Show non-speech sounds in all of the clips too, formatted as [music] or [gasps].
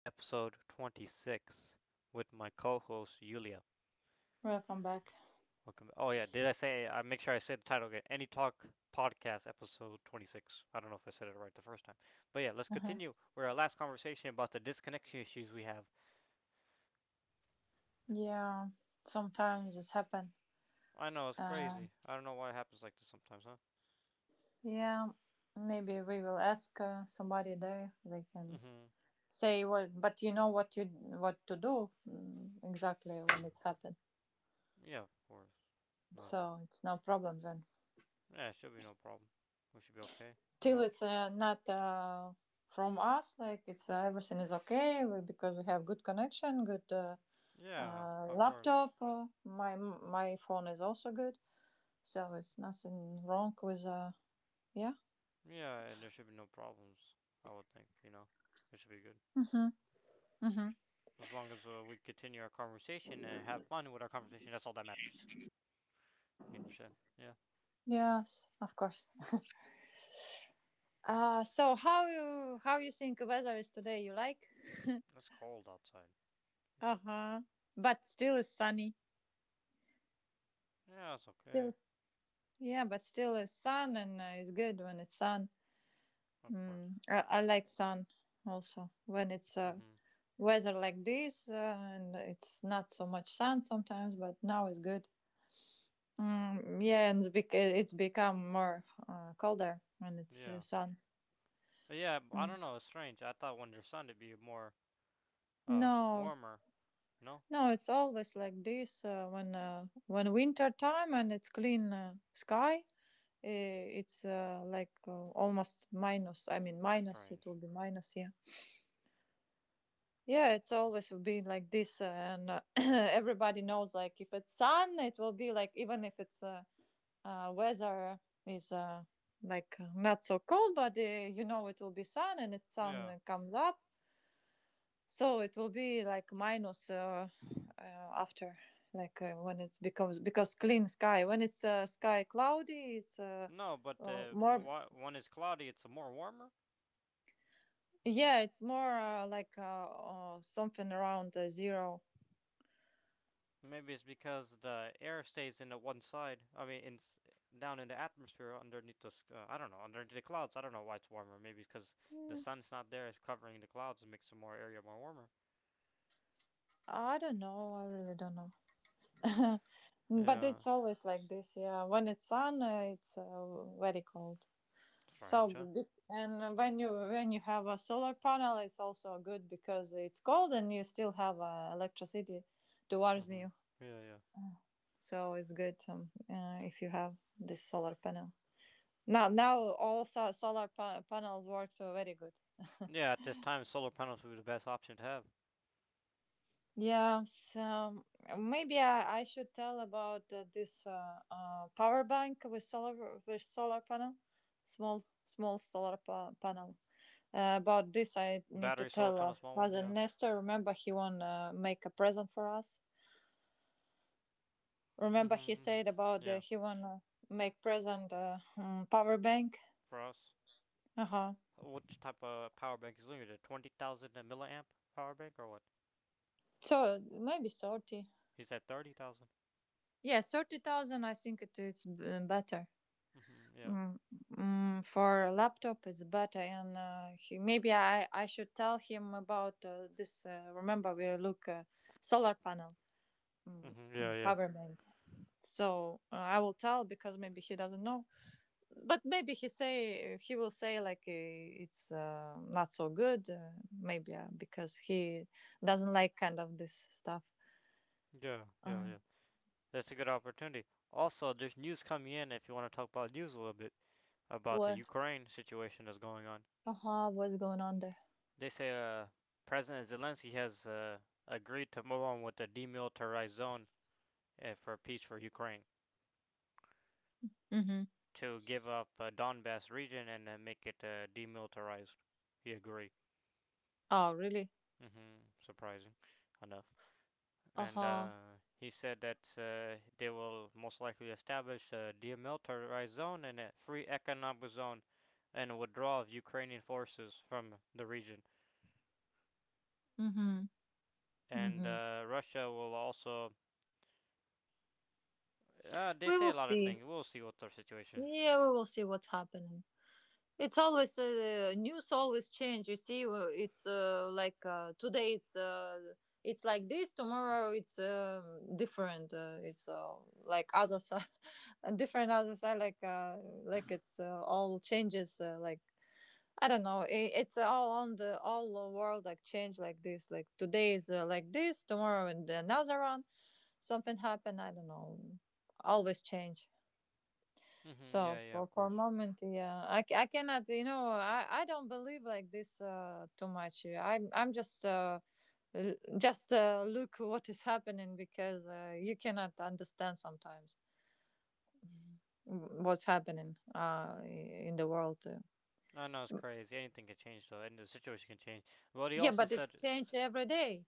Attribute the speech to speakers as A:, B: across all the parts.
A: episode 26, with my co host Yulia.
B: Welcome back.
A: Welcome. Oh, yeah, did I say, I make sure I say the title again Any Talk Podcast, episode 26. I don't know if I said it right the first time. But yeah, let's
B: Uh-huh.
A: continue with our last conversation about the disconnection issues we have.
B: Yeah, sometimes it's happen.
A: I know, it's
B: Uh,
A: crazy. I don't know why it happens like this sometimes, huh?
B: yeah, maybe we will ask somebody there. They
A: Mm
B: can
A: hmm.
B: say what, but you know what you what to do exactly when it's happened.
A: Yeah, of course. No,
B: So it's no problem then.
A: yeah, it should be no problem. We should be okay
B: Till
A: without.
B: it's not from us, like it's everything is okay because we have good connection, good
A: Yeah, of course.
B: laptop. My phone is also good, so it's nothing wrong with yeah.
A: Yeah, and there should be no problems. I would think, it should be good.
B: Mm-hmm.
A: As long as we continue our conversation and have fun with our conversation, that's all that matters. You know, shit. Yeah,
B: Yes, of course. So how you think weather is today? You like?
A: it's cold outside.
B: Uh huh. But still is sunny.
A: Yeah, it's okay.
B: Still. Yeah, but still is sun, and it's good when it's sun.
A: Of course.
B: Mm. I like sun also when it's
A: Mhm.
B: weather like this, and it's not so much sun sometimes. But now it's good. Yeah, and it's become more colder when it's
A: Yeah.
B: sun.
A: But yeah, I
B: Mm.
A: don't know. It's strange. I thought when there's sun, it'd be more,
B: No,
A: warmer. No.
B: no, it's always like this when winter time and it's clean sky. It's like almost minus. I mean, minus. It will
A: Strange.
B: be minus. Yeah. Yeah, it's always been like this, and [coughs] [clears throat] everybody knows. Like, if it's sun, it will be like even if it's weather is like not so cold, but you know it will be sun, and it's sun
A: Yeah.
B: comes up. So it will be like minus [sighs] after, like when it becomes because clean sky. When it's sky cloudy, it's
A: No, but
B: more.
A: why, when it's cloudy, it's more warmer. Uh,
B: Yeah, it's more like something around zero.
A: Maybe it's because the air stays in the one side. I mean, in down in the atmosphere underneath the I don't know underneath the clouds. I don't know why it's warmer. Maybe because the
B: Mm,
A: sun's not there, it's covering the clouds and makes the more area more warmer.
B: I don't know. I really don't know. [laughs] But
A: Yeah,
B: it's always like this. Yeah, when it's sun, it's very cold. So,
A: strange, huh?
B: and when you have a solar panel, it's also good because it's cold and you still have electricity towards you.
A: Mhm. Yeah, yeah.
B: So it's good, if you have this solar panel. Now, all solar panels work so very good.
A: Yeah, at this time, solar panels would be the best option to have.
B: Yeah. So maybe I should tell about this power bank with solar panel, small solar panel. About this, I need to
A: Battery solar
B: tell
A: panel, small one.
B: Father
A: Yeah.
B: Nestor. Remember, he wanna make a present for us.
A: Mhm.
B: Remember, he
A: Mhm.
B: said about
A: Yeah.
B: he wanna make present, power bank.
A: For us,
B: Uh huh.
A: which type of power bank is limited? 20,000 milliamp power bank or what?
B: So maybe 30.
A: He said 30,000.
B: Yeah, 30,000. I think it's better.
A: Mhm. Yeah.
B: Mm, for a laptop, it's better, and maybe I should tell him about this. Remember, we look, solar panel,
A: Mhm. Yeah, yeah.
B: power bank. So I will tell because maybe he doesn't know, but maybe he will say like it's not so good, maybe, because he doesn't like kind of this stuff
A: Yeah, yeah,
B: uh,
A: yeah. That's a good opportunity. Also, there's news coming in if you want to talk about news a little bit about the
B: What?
A: Ukraine situation that's going on.
B: Uh huh. What's going on there?
A: They say President Zelensky has agreed to move on with the demilitarized zone for peace for Ukraine
B: Hmm.
A: to give up Donbass region and make it demilitarized. He agreed.
B: Oh, really?
A: Hmm. Surprising enough.
B: Uh
A: And
B: huh.
A: he said that they will most likely establish a demilitarized zone and a free economic zone and a withdrawal of Ukrainian forces from the region.
B: Mm-hmm.
A: And
B: Mm-hmm.
A: Russia will also. They
B: We
A: say
B: will
A: a lot of
B: see.
A: things. We'll see what's our situation.
B: Yeah, we will see what's happening. It's always news always change. You see, it's like today it's like this. Tomorrow it's different. It's like other side, [laughs] a different other side. Like it's all changes. Like, I don't know. I it's all on the all the world like change like this. Like today is like this. Tomorrow and another one, something happen. I don't know. Always change.
A: Hmm,
B: So
A: yeah, yeah,
B: for
A: of
B: for a
A: course.
B: moment, yeah, I cannot, I don't believe like this too much. I'm just just look what is happening because you cannot understand sometimes what's happening in the world.
A: I know it's crazy. Anything can change, though, and the situation can change. But he
B: Yeah,
A: also
B: but it's
A: said,
B: changed every day.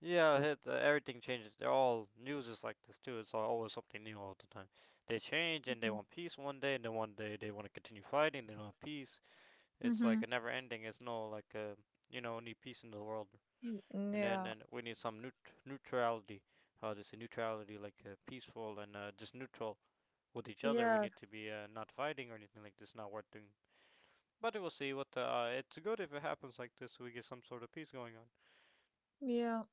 A: Yeah, it, everything changes. They're all news is like this too. It's always something new all the time. They change, and they want peace one day, and then one day they want to continue fighting. They don't want peace. It's like
B: Mm-hmm.
A: a never ending. It's no like we need peace in the world, and then
B: Yeah,
A: and we need some neutrality. How they say neutrality, like peaceful and just neutral with each other. We
B: yeah,
A: need to be not fighting or anything like this. Not worth doing. But we'll see what the. It's good if it happens like this, so we get some sort of peace going on.
B: yeah,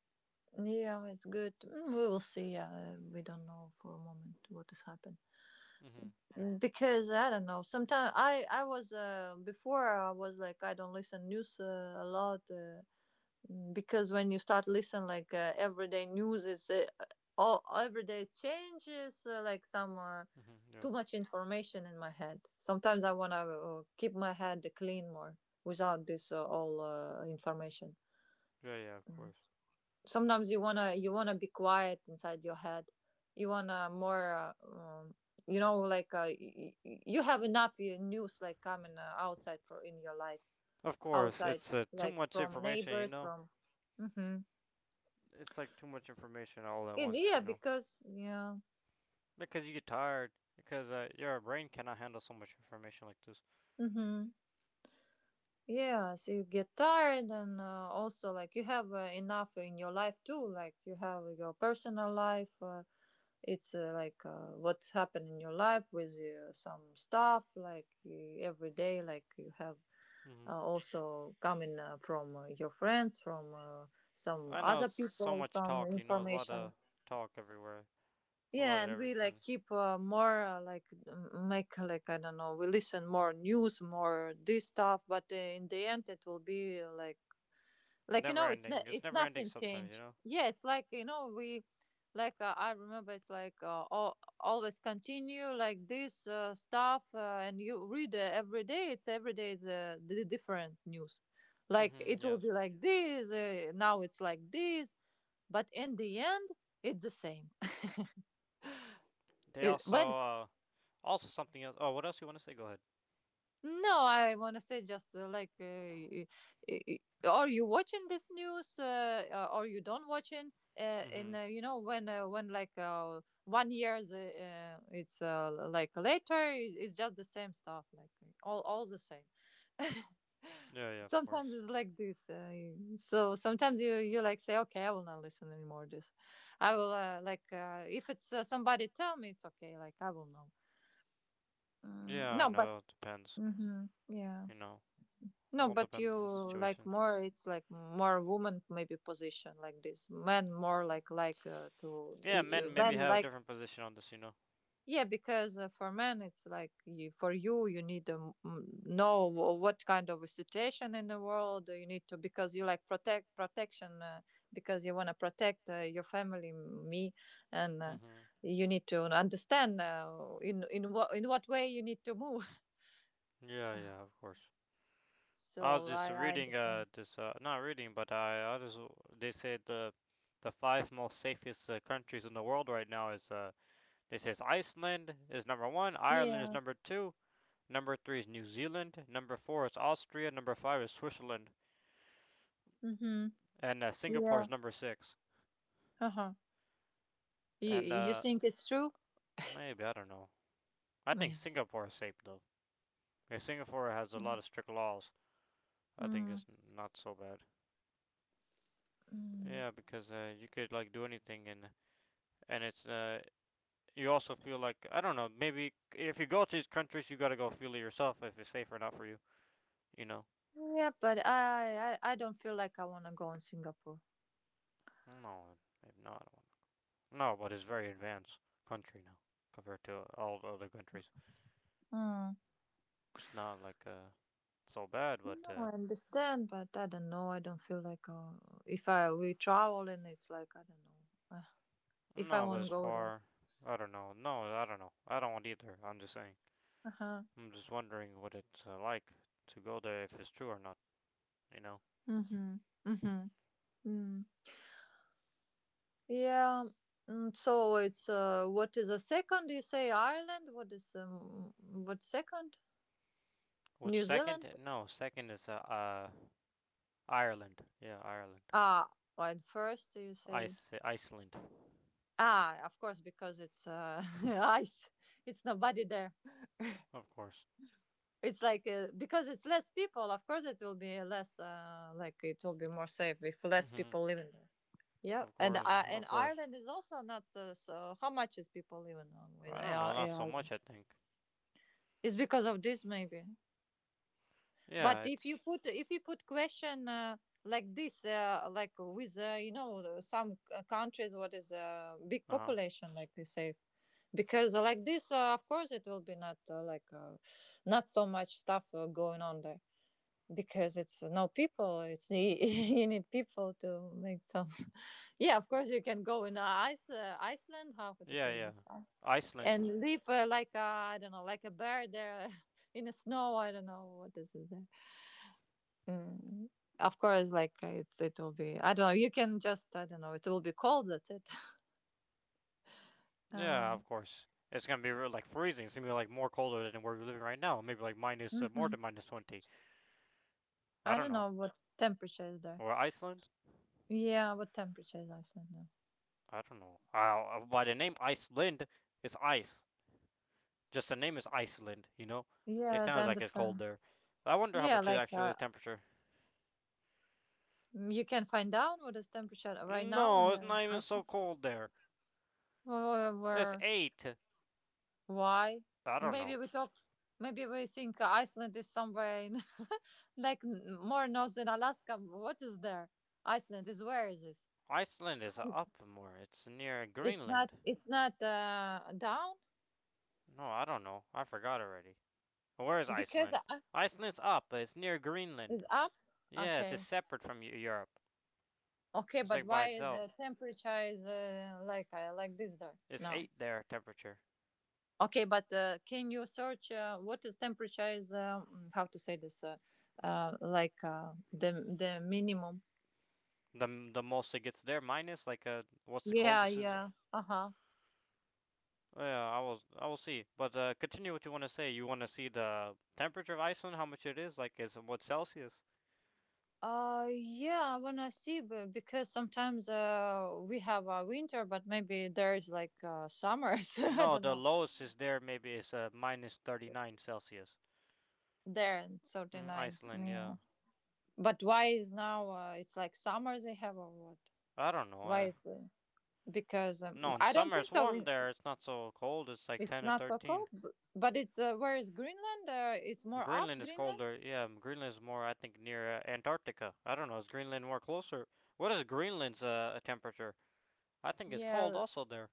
B: yeah. It's good. We will see. Yeah, we don't know for a moment what is happening.
A: Mhm. Yeah.
B: Because I don't know. Sometimes I was before I was like I don't listen news a lot, because when you start listen like everyday news is all every day is changes, like some,
A: Mhm. Yeah.
B: too much information in my head. Sometimes I wanna keep my head clean more without this, all, information.
A: Yeah. Yeah. Of
B: Mm
A: course.
B: sometimes you wanna be quiet inside your head. You wanna more, you know, like you have enough news like coming outside for in your life
A: Of course.
B: outside,
A: It's too
B: like
A: much
B: from
A: information. You
B: neighbors,
A: know.
B: from. Mm-hmm.
A: It's like too much information all at once.
B: Yeah,
A: You know.
B: because yeah.
A: Because you get tired. Because your brain cannot handle so much information like this.
B: Mm-hmm. Yeah, so you get tired and also like you have enough in your life too, like you have your personal life. It's like what's happened in your life with some stuff, like every day, like you have
A: Mhm.
B: also coming from your friends, from some
A: I know
B: other
A: so
B: people,
A: much
B: some
A: talk. You know, a lot
B: information.
A: of talk everywhere. A lot
B: Yeah,
A: of
B: and we like
A: everything.
B: keep more like make like, I don't know. We listen more news, more this stuff, but in the end, it will be like you
A: Never
B: know, it's
A: ending.
B: not
A: It's
B: it's
A: never ending
B: nothing
A: sometimes. You
B: change,
A: know.
B: yeah, it's like you know we like I remember it's like always continue like this stuff, and you read every day it's every day is the different news, like
A: Mhm.
B: it will be
A: Yes.
B: like this now it's like this, but in the end it's the same. [laughs]
A: They
B: It- when
A: also. Also something else. Oh, what else you want to say? Go ahead.
B: No, I want to say just, like, y- y- are you watching this news? Or you don't watching?
A: Hmm,
B: In, you know, when when like 1 years it's like later, it's just the same stuff, like all the same.
A: yeah, yeah, of
B: Sometimes
A: course.
B: it's like this. So sometimes you like say, okay, I will not listen anymore. This, I will, like, if it's, somebody tell me, it's okay. Like, I will know.
A: Yeah,
B: Mm, no,
A: I
B: but
A: know. It depends.
B: hmm, yeah.
A: You know,
B: No,
A: all
B: but you
A: depends on the
B: like
A: situation.
B: more. It's like more woman maybe position like this. Men more like to
A: Yeah, men maybe
B: men
A: have a
B: like,
A: different position on this. You know.
B: yeah, because for men it's like for you need to, know, what kind of a situation in the world you need to, because you like protection, because you want to protect your family, me, and
A: Mhm.
B: you need to understand in what way you need to move. [laughs]
A: Yeah, yeah, of course. I was
B: So
A: just
B: I
A: reading
B: understand.
A: this not reading but I just they said the five most safest countries in the world right now is they say it's Iceland is number one, Ireland is
B: Yeah.
A: number two, number three is New Zealand, number four is Austria, number five is Switzerland,
B: Mhm.
A: and Singapore
B: Yeah.
A: is number six.
B: Uh huh. You
A: And
B: you think it's true?
A: maybe I don't know. I think
B: Maybe.
A: Singapore is safe though. Because Singapore has a lot of strict laws. I think
B: Mm.
A: it's not so bad.
B: Mm.
A: Yeah, because you could like do anything and it's you also feel like I don't know maybe if you go to these countries you gotta go feel it yourself if it's safe or not for you. You know?
B: Yeah, but I don't feel like I wanna go in Singapore.
A: No, maybe not. I don't know. No, but it's very advanced country now compared to all the other countries.
B: Mm.
A: It's not like so bad, but
B: No, I understand, but I don't know. I don't feel like, if I we travel and it's like I don't know, uh, if I
A: no, but as
B: won't go there.
A: far I don't know. No, I don't know. I don't want either. I'm just saying.
B: Uh huh.
A: I'm just wondering what it's like to go there if it's true or not. You know,
B: Mhm. Mhm. Mm. Yeah. So it's what is the second? You say Ireland. What is, what second?
A: which
B: New
A: second?
B: Zealand.
A: No, second is Ireland. Yeah, Ireland.
B: Ah, and first you said.
A: Iceland,
B: Ah, of course, because it's [laughs] ice. It's nobody there.
A: of course.
B: It's like because it's less people. Of course, it will be less. Like, it will be more safe if less
A: Mhm.
B: people living there. Yeah,
A: Of
B: and
A: course,
B: uh, and
A: of course.
B: Ireland is also not so, so. How much is people living now in,
A: I don't know,
B: uh,
A: not
B: in
A: so much.
B: Ireland?
A: I think.
B: It's because of this, maybe. But
A: Yeah,
B: if
A: it's.
B: you put if you put question, like this, like with you know, some countries, what is a big
A: Uh huh.
B: population, like you say, because like this, of course, it will be not, like, not so much stuff going on there, because it's no people. It's [laughs] you need people to make some. [laughs] Yeah, of course, you can go in, Iceland. How to
A: Yeah,
B: say
A: yeah.
B: this? And
A: Iceland.
B: live like, I don't know, like a bear there [laughs] in the snow. I don't know what is it there. Mm. Of course, like it will be, I don't know. You can just, I don't know. It will be cold. That's it. [laughs]
A: Yeah, of
B: Um,
A: course. It's gonna be real, like freezing. It's gonna be like more colder than where we're living right now. Maybe like minus more
B: mhm.
A: than minus 20. I
B: I
A: don't
B: don't
A: know.
B: know what temperature is there.
A: Or Iceland?
B: Yeah, what temperature is Iceland now?
A: I don't know. By the name Iceland, it's ice. Just the name is Iceland, you know? It
B: Yes, I
A: sounds like it's cold
B: understand.
A: there. I wonder how
B: Yeah,
A: much it
B: like,
A: actually is temperature.
B: you can find out what is temperature right now
A: No,
B: in,
A: it's not even so
B: Iceland.
A: cold there.
B: Where,
A: It's
B: where,
A: 8.
B: why?
A: I don't
B: Maybe
A: know.
B: we talk. Maybe we think Iceland is somewhere in [laughs] like, more north than Alaska. What is there? Iceland is, where is this?
A: Iceland is up more. It's near
B: It's not
A: Greenland.
B: it's not down,
A: No, I don't know. I forgot already. Where is
B: because
A: Iceland? Iceland's up. It's near Greenland.
B: it's up.
A: Yes, it's
B: Okay,
A: separate from Europe.
B: okay,
A: It's
B: but
A: like by
B: why is
A: itself.
B: the temperature is like this there?
A: It's
B: No.
A: 8 there temperature.
B: Okay, but can you search, what is temperature is? How to say this? Like the minimum.
A: The most it gets there, minus, like, what's the
B: Yeah,
A: coldest is.
B: yeah. Uh huh.
A: Yeah, I will see, but continue what you want to say. You want to see the temperature of Iceland, how much it is, like, is what Celsius?
B: Yeah, I wanna see because sometimes we have a winter, but maybe there is like summers. [laughs] I
A: No,
B: don't
A: the
B: know.
A: lowest is there, maybe is minus 39 Celsius.
B: There in thirty nine.
A: Iceland,
B: Yeah.
A: yeah,
B: But why is now it's like summer they have or what?
A: I don't know,
B: Why
A: I,
B: is because
A: no, in
B: I don't
A: summer
B: think
A: it's
B: so.
A: warm
B: in-
A: there, it's not so cold, it's like
B: It's
A: ten or
B: not so
A: thirteen
B: cold, but it's where is Greenland? It's more up
A: Greenland is
B: Greenland.
A: colder, yeah, Greenland is more, I think, near Antarctica, I don't know, is Greenland more closer? What is Greenland's temperature? I think it's cold
B: Yeah,
A: also there.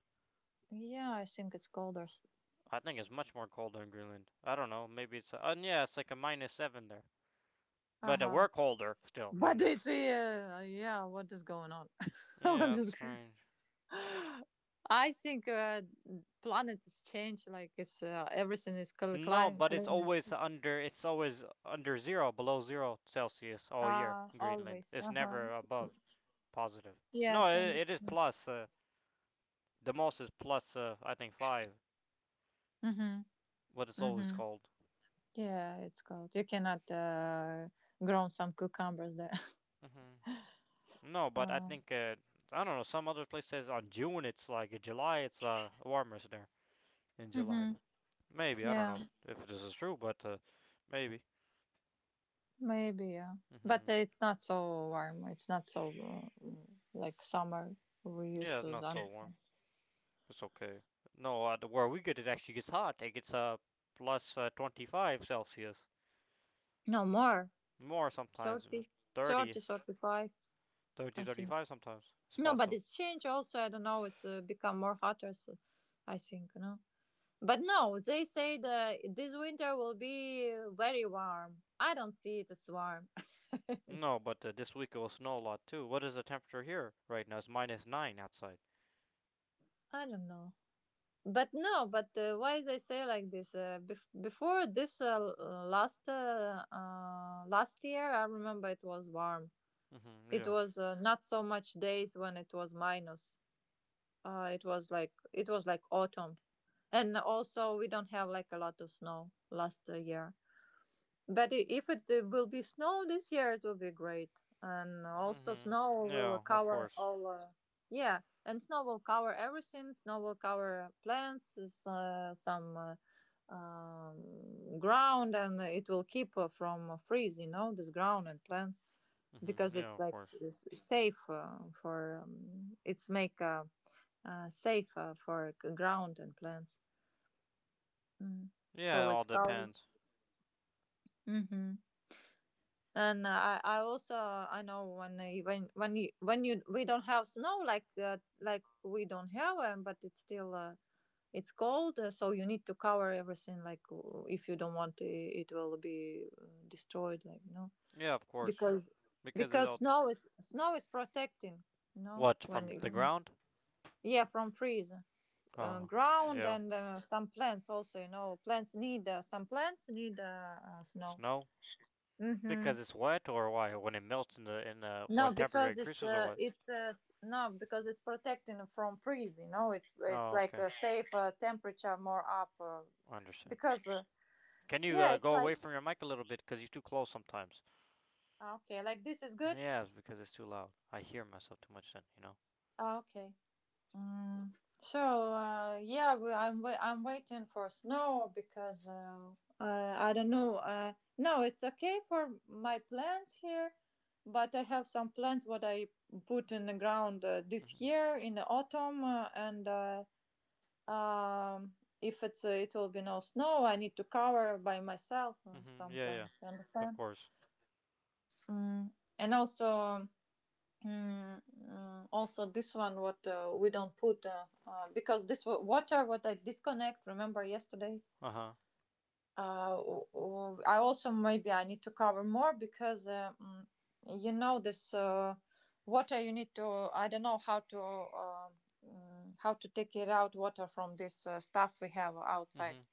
B: yeah, I think it's colder.
A: I think it's much more colder in Greenland. I don't know. Maybe it's. Yeah, it's like a minus 7 there.
B: Uh
A: But
B: huh.
A: we're colder still than
B: But it's
A: this.
B: yeah. What is going on? [laughs] What
A: Yeah, it's
B: is going?
A: strange.
B: I think Planet is changed. Like it's everything is cl-
A: No,
B: climate
A: but it's
B: climate.
A: always under. It's always under zero, below zero Celsius all year.
B: Ah,
A: In Greenland.
B: always.
A: It's
B: Uh huh.
A: never above positive. No,
B: Yes, I
A: it is
B: understand.
A: plus. The most is plus. I think five. But it's always
B: Mm-hmm.
A: cold.
B: Yeah, it's cold. You cannot Grow some cucumbers there. [laughs]
A: Hmm. No, but I
B: Uh,
A: think. I don't know. Some other places on June it's like July. It's warmer there in July.
B: hmm
A: Maybe I don't
B: Yeah,
A: know if this is true, but maybe.
B: maybe. Yeah, but
A: Hmm.
B: it's not so warm. It's not so like summer we
A: Yeah,
B: used
A: it's
B: to
A: not so warm.
B: understand.
A: It's okay. No, the where we get it actually gets hot. It gets plus 25 Celsius,
B: No more
A: more sometimes,
B: 30,
A: 30,
B: 30, 35.
A: 30,
B: I
A: thirty
B: think.
A: five. Sometimes. It's
B: No, but
A: possible.
B: it's changed also. I don't know. It's become more hotter. So I think no. But no, they say that this winter will be very warm. I don't see it as warm.
A: No, but this week it will snow a lot too. What is the temperature here right now? It's minus 9 outside.
B: [laughs] I don't know. But no, but why they say like this? Before this l- last last year, I remember it was warm.
A: Hmm.
B: It
A: Yeah.
B: was not so much days when it was minus. It was like it was like autumn, and also we don't have like a lot of snow last year. But if it will be snow this year, it will be great. And also,
A: Hmm.
B: snow will
A: Yeah, of
B: cover
A: course.
B: all. Yeah, and snow will cover everything. Snow will cover plants, some ground, and it will keep from freeze. You know, this ground and plants
A: Hmm.
B: because
A: Yeah,
B: it's
A: of
B: like
A: course.
B: safe for. It's make safe for ground and plants. Mm.
A: Yeah, it
B: So
A: all
B: it's covered.
A: depends.
B: Mm-hmm. And I also I know when I- when you we don't have snow like that like we don't have but it's still it's cold so you need to cover everything like if you don't want it, it will be destroyed like no
A: Yeah, of course,
B: because
A: because it
B: because
A: all.
B: snow is protecting you know
A: What,
B: when,
A: from
B: it-
A: the
B: when
A: ground?
B: Yeah, from freeze
A: Oh,
B: ground
A: yeah.
B: and some plants also, you know, plants need some plants need snow.
A: Snow?
B: Mm-hmm.
A: Because it's wet, or why? When it melts in the
B: No,
A: when temperature
B: because
A: increases, or what?
B: no, because it's protecting from freeze. You know, it's
A: No,
B: like
A: okay,
B: a safe temperature more up.
A: I understand.
B: Because
A: Can you
B: yeah, it's
A: go
B: like
A: away from your mic a little bit? Cause you're too close sometimes.
B: okay, like this is good.
A: Yeah, it's because it's too loud. I hear myself too much then.
B: Ah, okay. Mm. So yeah, we, I'm waiting for snow because I don't know. No, it's okay for my plants here, but I have some plants what I put in the ground this
A: Mhm.
B: year in the autumn and. If it will be no snow, I need to cover by myself
A: Mhm.
B: some
A: Yeah, yeah.
B: plants. You
A: Of
B: understand?
A: course.
B: Mm. And also, also this one what we don't put because this water what I disconnect. Remember yesterday?
A: Uh huh.
B: I also maybe I need to cover more because you know this water you need to. I don't know how to. Mm, how to take it out water from this stuff we have outside
A: Mhm.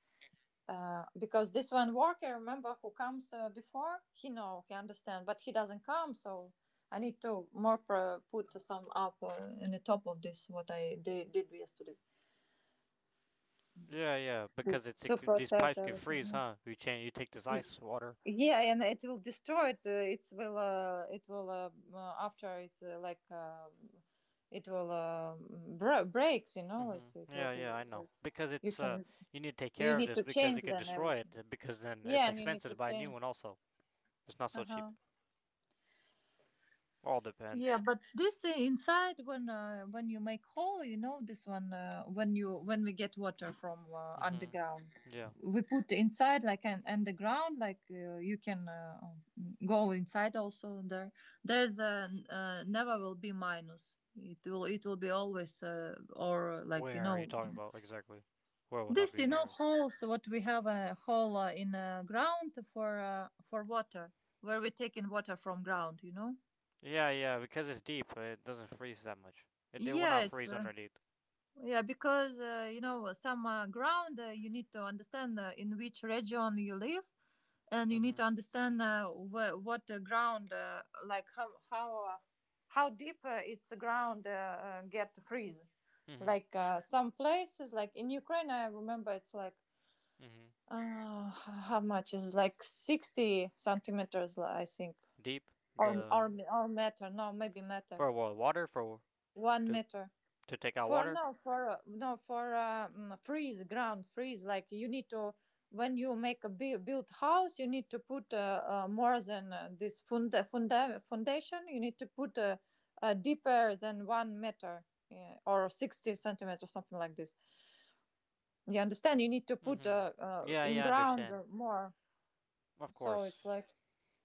B: because this one worker remember who comes before he know he understand but he doesn't come, so I need to more put some up in the top of this what I did yesterday
A: Yeah, yeah. Because it's
B: to
A: it, these
B: protect
A: pipes can
B: everything.
A: freeze,
B: Yeah,
A: huh? You change. You take this ice water.
B: Yeah, and it will destroy it it will after it's like it will uh, breaks, you know
A: Hmm.
B: it will
A: Yeah, yeah,
B: be
A: I know. Because
B: you
A: it's
B: can
A: you need to take
B: you
A: care of
B: need
A: this
B: to
A: because
B: change
A: it could
B: then
A: destroy
B: everything
A: it. Because then
B: yeah
A: it's
B: and you need
A: expensive
B: to
A: to buy a
B: change
A: new one. Also, it's not so cheap.
B: uh-huh.
A: All depends.
B: Yeah, but this inside when you make hole, you know this one when you when we get water from
A: Hmm.
B: underground,
A: Yeah.
B: we put inside like an underground like you can go inside also there. There's a never will be minus. It will be always or like you
A: Where are you
B: know
A: talking about exactly? Where will not
B: this
A: be
B: you know
A: never.
B: holes what we have a hole in ground for water where we take in water from ground, you know.
A: Yeah, yeah. Because it's deep, it doesn't freeze that much. It will
B: Yeah,
A: not
B: it's.
A: freeze underneath.
B: Yeah, because you know some ground you need to understand in which region you live, and you need
A: Hmm.
B: to understand what the ground like how how deep its ground get freeze.
A: Hmm.
B: Like some places, like in Ukraine, I remember it's like
A: Hmm.
B: how much is like 60 centimeters, I think,
A: Deep,
B: or or
A: the
B: or meter? No, maybe meter,
A: for what water for
B: one
A: to
B: meter.
A: to take out
B: For
A: water.
B: no for no for freeze ground freeze like you need to when you make a built house you need to put more than this foundation you need to put deeper than 1 meter, yeah, or 60 centimeters something like this. You understand, you need to put
A: Hmm. Yeah,
B: in
A: yeah, I
B: ground
A: understand.
B: more,
A: Of
B: so it's
A: course.
B: like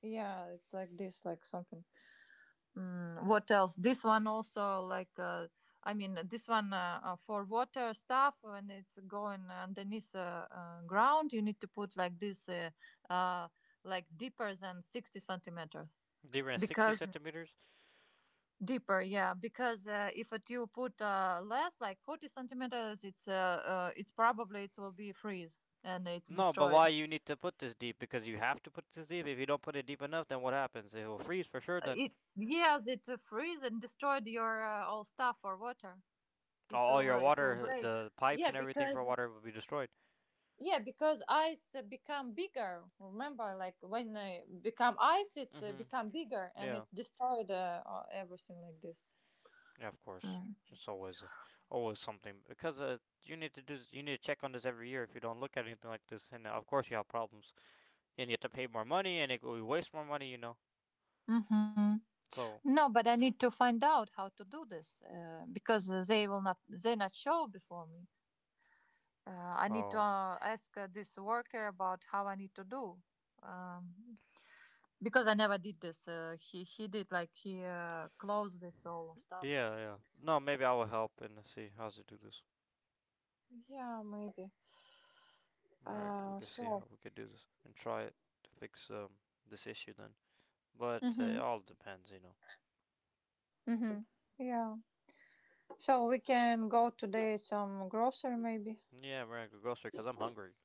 B: yeah it's like this like something. Mm, what else? This one also like I mean this one for water stuff when it's going underneath ground, you need to put like this uh, like deeper than 60 centimeters.
A: Deeper than 60
B: Because
A: centimeters?
B: deeper yeah because if it you put less like 40 centimeters it's probably it will be freeze and it's
A: No, but why
B: destroyed.
A: you need to put this deep? Because you have to put this deep. If you don't put it deep enough, then what happens? It will freeze for sure.
B: Uh,
A: Then
B: It yes it freeze and destroyed your all stuff for water.
A: all your
B: It will
A: water,
B: break.
A: the pipes
B: Yeah,
A: and everything
B: because
A: for water will be destroyed.
B: yeah, because ice become bigger. Remember, like when they become ice, it's
A: Mhm.
B: become bigger and
A: Yeah.
B: it's destroyed everything like this.
A: Yeah. Of course. It's always, always something because you need to check on this every year. If you don't look at anything like this, and of course you have problems, and you have to pay more money, and it will waste more money.
B: Mm-hmm.
A: So.
B: No, but I need to find out how to do this because they will not they not show before me. I need to
A: Oh.
B: ask this worker about how I need to do um, because I never did this. He did like he closed this all stuff and
A: Yeah. Yeah. No. Maybe I will help and see how to do this.
B: yeah, maybe.
A: Alright, we
B: Uh,
A: can see
B: so.
A: how we could do this and try it to fix this issue then. But it
B: Mhm.
A: all depends.
B: Mm-hmm. Yeah. So we can go today some grocery maybe.
A: Yeah, we're gonna go grocery because I'm hungry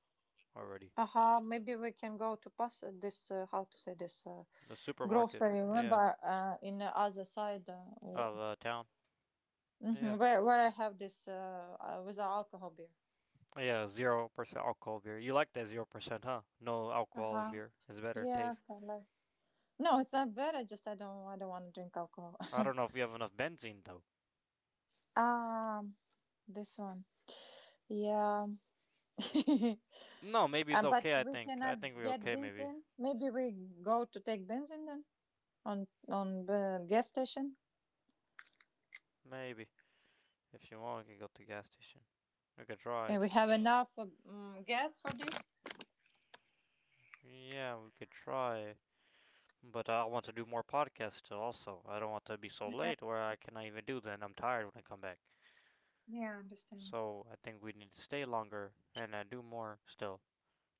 A: already.
B: Aha, maybe we can go to pass this, how to say this,
A: The supermarket,
B: grocery.
A: yeah,
B: Remember in the other side
A: of town, yeah,
B: mhm, where I have this with the alcohol beer.
A: yeah, 0% alcohol beer. You like that 0%, huh? No alcohol in
B: Uh-huh.
A: beer is better taste.
B: Yes, I like. No, it's not bad. I just I don't want to drink alcohol. [laughs]
A: I don't know if we have enough benzene though.
B: Um, this one. Yeah.
A: No,
B: [laughs]
A: maybe it's
B: uh, but
A: okay. I
B: we
A: think I
B: cannot
A: think we're
B: get
A: okay. Maybe
B: benzene. Maybe we go to take benzene then, on the gas station,
A: maybe if you want, we can go to the gas station. We could try.
B: and we have enough gas for this.
A: Yeah, we could try. But I want to do more podcasts also. I don't want to be so
B: Yeah,
A: late where I cannot even do them. I'm tired when I come back.
B: yeah, I understand.
A: So I think we need to stay longer and do more still.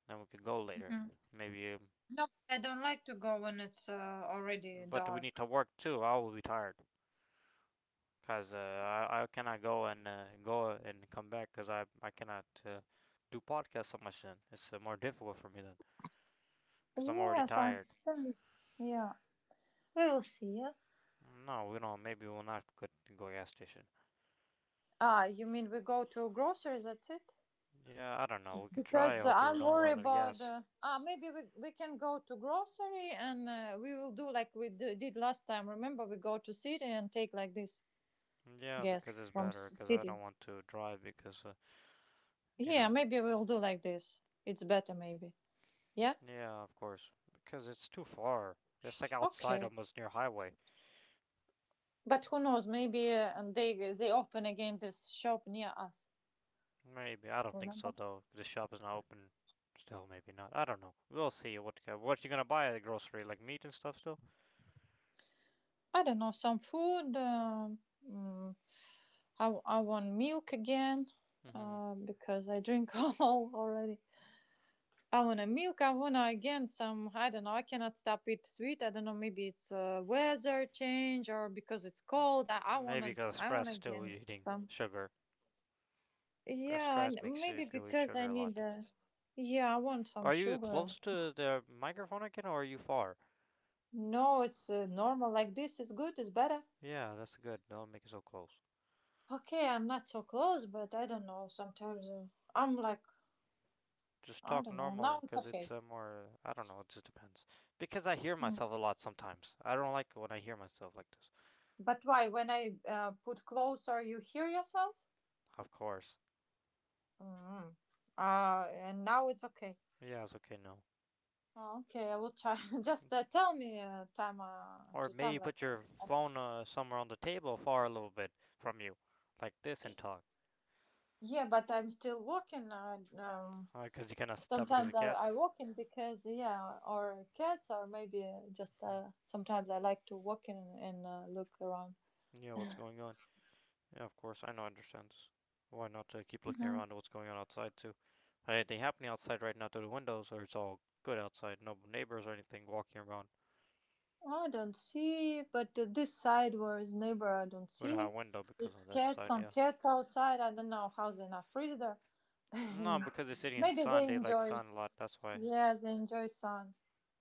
A: Then we could go later.
B: Mhm.
A: Maybe.
B: No, I don't like to go when it's already
A: But we need
B: dark.
A: to work too. I will be tired. Because I cannot go and go and come back because I cannot do podcasts so much then. It's more difficult for me then. Because I'm already
B: Yes, I
A: tired.
B: understand. Yeah. We will see. Yeah.
A: No, we don't. Maybe we'll not go gas station.
B: Ah, you mean we go to groceries, that's it?
A: Yeah, I don't know. We could try. I
B: Because uh,
A: hope you
B: i'm
A: don't
B: worried
A: run out of
B: about
A: gas.
B: ah, maybe we can go to grocery and we will do like we did last time. Remember, we go to city and take like this
A: Yeah,
B: gas
A: because it's
B: from
A: better. Because I
B: city.
A: don't want to drive. Because you
B: Yeah,
A: know.
B: maybe we'll do like this. It's better, maybe. Yeah.
A: Yeah, of course. Because it's too far. It's like
B: Okay.
A: outside, almost near highway.
B: But who knows? Maybe and they open again this shop near us.
A: Maybe I don't think
B: Remember?
A: so though. The shop is not open. Still, maybe not. I don't know. We'll see. What you gonna buy at the grocery? Like meat and stuff still.
B: I don't know. Some food. Mm, I want milk again,
A: Hmm.
B: because I drink [laughs] all already. I want a milk. I want again some. I don't know. I cannot stop eat sweet. I don't know. Maybe it's weather change or because it's cold.
A: Maybe because
B: I
A: stress
B: want
A: still
B: again
A: eating
B: some.
A: sugar. 'Cause
B: Yeah, and
A: stress makes
B: maybe
A: you eat
B: because
A: sugar
B: I
A: a
B: need
A: lot.
B: a. Yeah, I want some
A: Are you
B: sugar.
A: close to the microphone again, or are you far?
B: No, it's normal like this. It's good. It's better.
A: Yeah, that's good. Don't make it so close.
B: Okay, I'm not so close, but I don't know. Sometimes I'm like,
A: Just
B: I
A: talk
B: don't know. Now
A: normal
B: it's
A: because it's
B: okay.
A: more. I don't know. It just depends. Because I hear
B: Mm.
A: myself a lot sometimes. I don't like when I hear myself like this.
B: But why? When I put closer, you hear yourself?
A: Of course.
B: Mm. And now it's okay.
A: Yeah, it's okay. No.
B: Oh, okay, I will try. [laughs] Just tell me time
A: Or
B: to
A: maybe
B: time like.
A: put your phone somewhere on the table, far a little bit from you, like this, and talk.
B: Yeah, but I'm still walking.
A: Because you cannot stop because of
B: Sometimes I
A: cats.
B: walk in because yeah, or cats, or maybe uh, just
A: Mhm.
B: uh, sometimes I like to walk in and look around.
A: Yeah, what's going on? Yeah, of course, I know, I understand this. Why not keep looking
B: Mhm.
A: around at what's going on outside, too? Anything happening outside right now through the windows, or it's all good outside? No neighbors or anything walking around.
B: I don't see, but this side where is neighbor, I don't
A: We don't have a
B: see.
A: window because on
B: It's
A: the other
B: cats,
A: side,
B: some
A: yeah.
B: cats outside. I don't know how they not freeze there.
A: No, because they're sitting
B: [laughs]
A: in
B: Maybe
A: sun,
B: they
A: they like
B: enjoy.
A: sun a lot, that's why.
B: Yeah, they enjoy sun.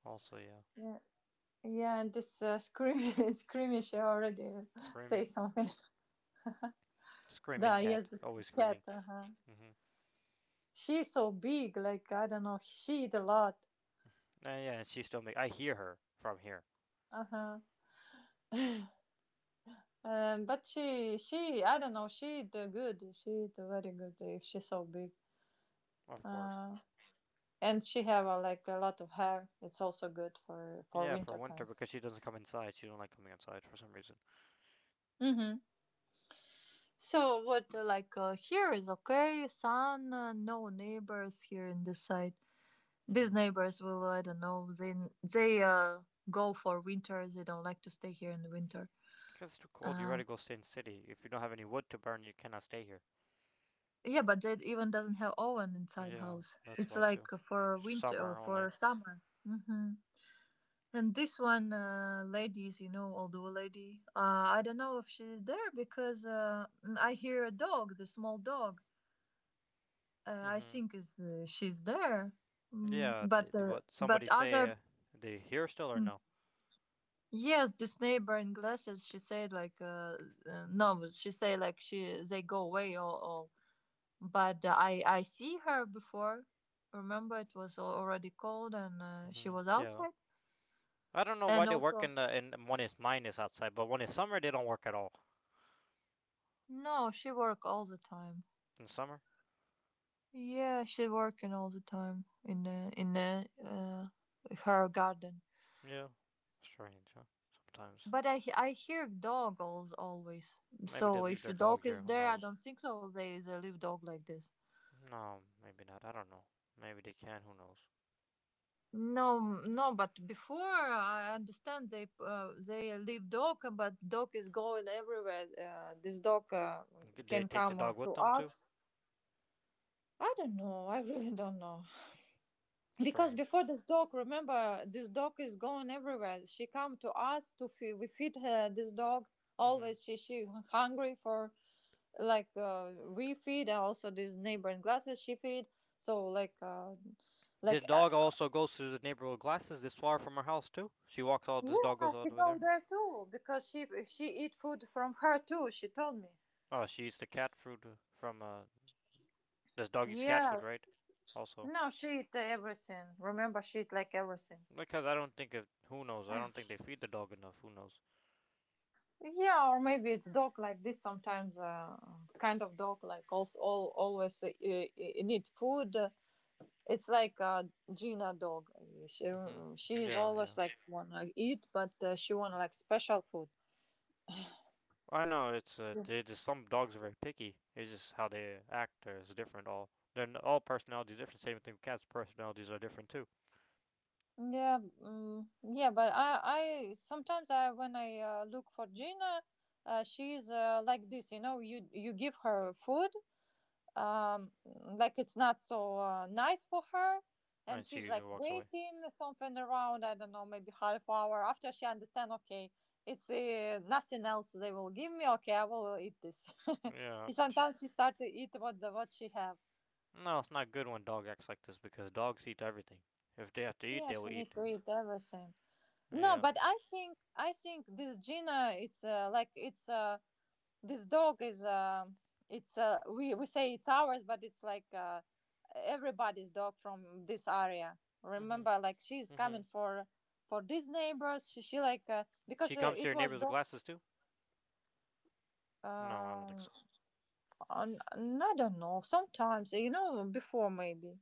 A: Also, yeah.
B: Yeah, yeah, and this scream, [laughs] screamish already say
A: Screaming.
B: something. [laughs]
A: Screaming
B: Да, yes,
A: cat,
B: this
A: always screaming.
B: cat. Uh-huh.
A: Mm-hmm.
B: She's so big, like I don't know. She eat a lot.
A: [laughs] Yeah, and she still make. I hear her from here,
B: Uh huh. But she I don't know. She eat good. She eat very good if she's so big.
A: of course.
B: Uh, and she have like a lot of hair. It's also good for
A: Yeah, for
B: winter time.
A: winter because she doesn't come inside. She don't like coming outside for some reason.
B: Mm-hmm. So what here is okay. Sun, no neighbors here in this side. These
A: Hmm.
B: neighbors will, I don't know. They go for winter. They don't like to stay here in the winter.
A: Because it's too cold. You
B: Um.
A: rather go stay in city. If you don't have any wood to burn, you cannot stay here.
B: Yeah, but that even doesn't have oven inside
A: Yeah,
B: house.
A: that's
B: It's
A: why
B: like
A: too.
B: for winter or
A: Summer
B: for
A: only.
B: summer. And this one, ladies, you know, older lady. I don't know if she's there because I hear a dog, the small dog. I
A: Hmm.
B: think is she's there,
A: Yeah,
B: but
A: what somebody say
B: other.
A: they here still or
B: Mm.
A: no?
B: Yes, this neighbor in glasses, she said like, no, but she said like she they go away all but uh, I see her before. Remember, it was already cold and she
A: Hmm.
B: was
A: Yeah,
B: outside.
A: I don't know why
B: And
A: they work
B: also,
A: in the in one is minus outside, but when it's summer they don't work at all.
B: no, she work all the time.
A: In summer.
B: Yeah, she working all the time in the her garden.
A: Yeah. Strange, huh? Sometimes.
B: But I hear dogs always.
A: Maybe they
B: So
A: leave
B: if
A: their
B: a
A: dog
B: dog
A: here,
B: is
A: who
B: there, I
A: knows?
B: don't think so. They leave dog like this.
A: No, maybe not, I don't know. Maybe they can, who knows?
B: No, no, but before I understand they leave dog, but dog is going everywhere. This dog
A: Did they
B: can
A: take the
B: come
A: dog with
B: to
A: them too?
B: us. I don't know. I really don't know. Because
A: Strange.
B: before this dog, remember, this dog is going everywhere. She come to us to feed. We feed her, this dog
A: Hmm.
B: always. She hungry for, like we feed, and also these neighboring glasses she feed, so like uh,
A: This
B: like
A: dog also goes to the neighborhood. Glasses this far from her house too. She walks all,
B: Yeah,
A: this dog goes all
B: she
A: the way there.
B: go there too, because she eat food from her too. She told me.
A: Oh, she eats the cat food from, this dog eats cat food,
B: Yes.
A: right? Also.
B: No, she eat everything. Remember, she eat like everything.
A: Because I don't think if, who knows, I don't think they feed the dog enough, who knows?
B: Yeah, or maybe it's dog like this. Sometimes, kind of dog like also all, always need food. It's like Gina dog. She
A: Hmm.
B: she is
A: Yeah,
B: always
A: yeah.
B: like wanna eat, but she wanna like special food.
A: Well, I know it's they just some dogs are very picky. It's just how they act is different. All then all personalities are different. Same thing with cats. Personalities are different too.
B: Yeah, mm, yeah, but I sometimes, I, when I look for Gina, she's like this, you know. You give her food, like it's not so nice for her, and
A: And she
B: she's like
A: usually walks away.
B: waiting something around. I don't know, maybe half hour after, she understand. Okay, it's nothing else they will give me. Okay, I will eat this. [laughs]
A: Yeah.
B: Sometimes she start to eat what she have.
A: No, it's not good when dog acts like this because dogs eat everything. If they have to eat,
B: Yeah,
A: they will
B: she need
A: eat.
B: to eat everything. No,
A: Yeah.
B: but I think this Gina, it's like it's this dog is it's we say it's ours, but it's like everybody's dog from this area.
A: Mhm.
B: Remember, like she's coming
A: Mhm.
B: for these neighbors. She like because
A: She comes to
B: it
A: your
B: was
A: neighbors with
B: dog.
A: glasses too. No, I don't think
B: Um,
A: so.
B: I don't know. Sometimes, you know, before maybe,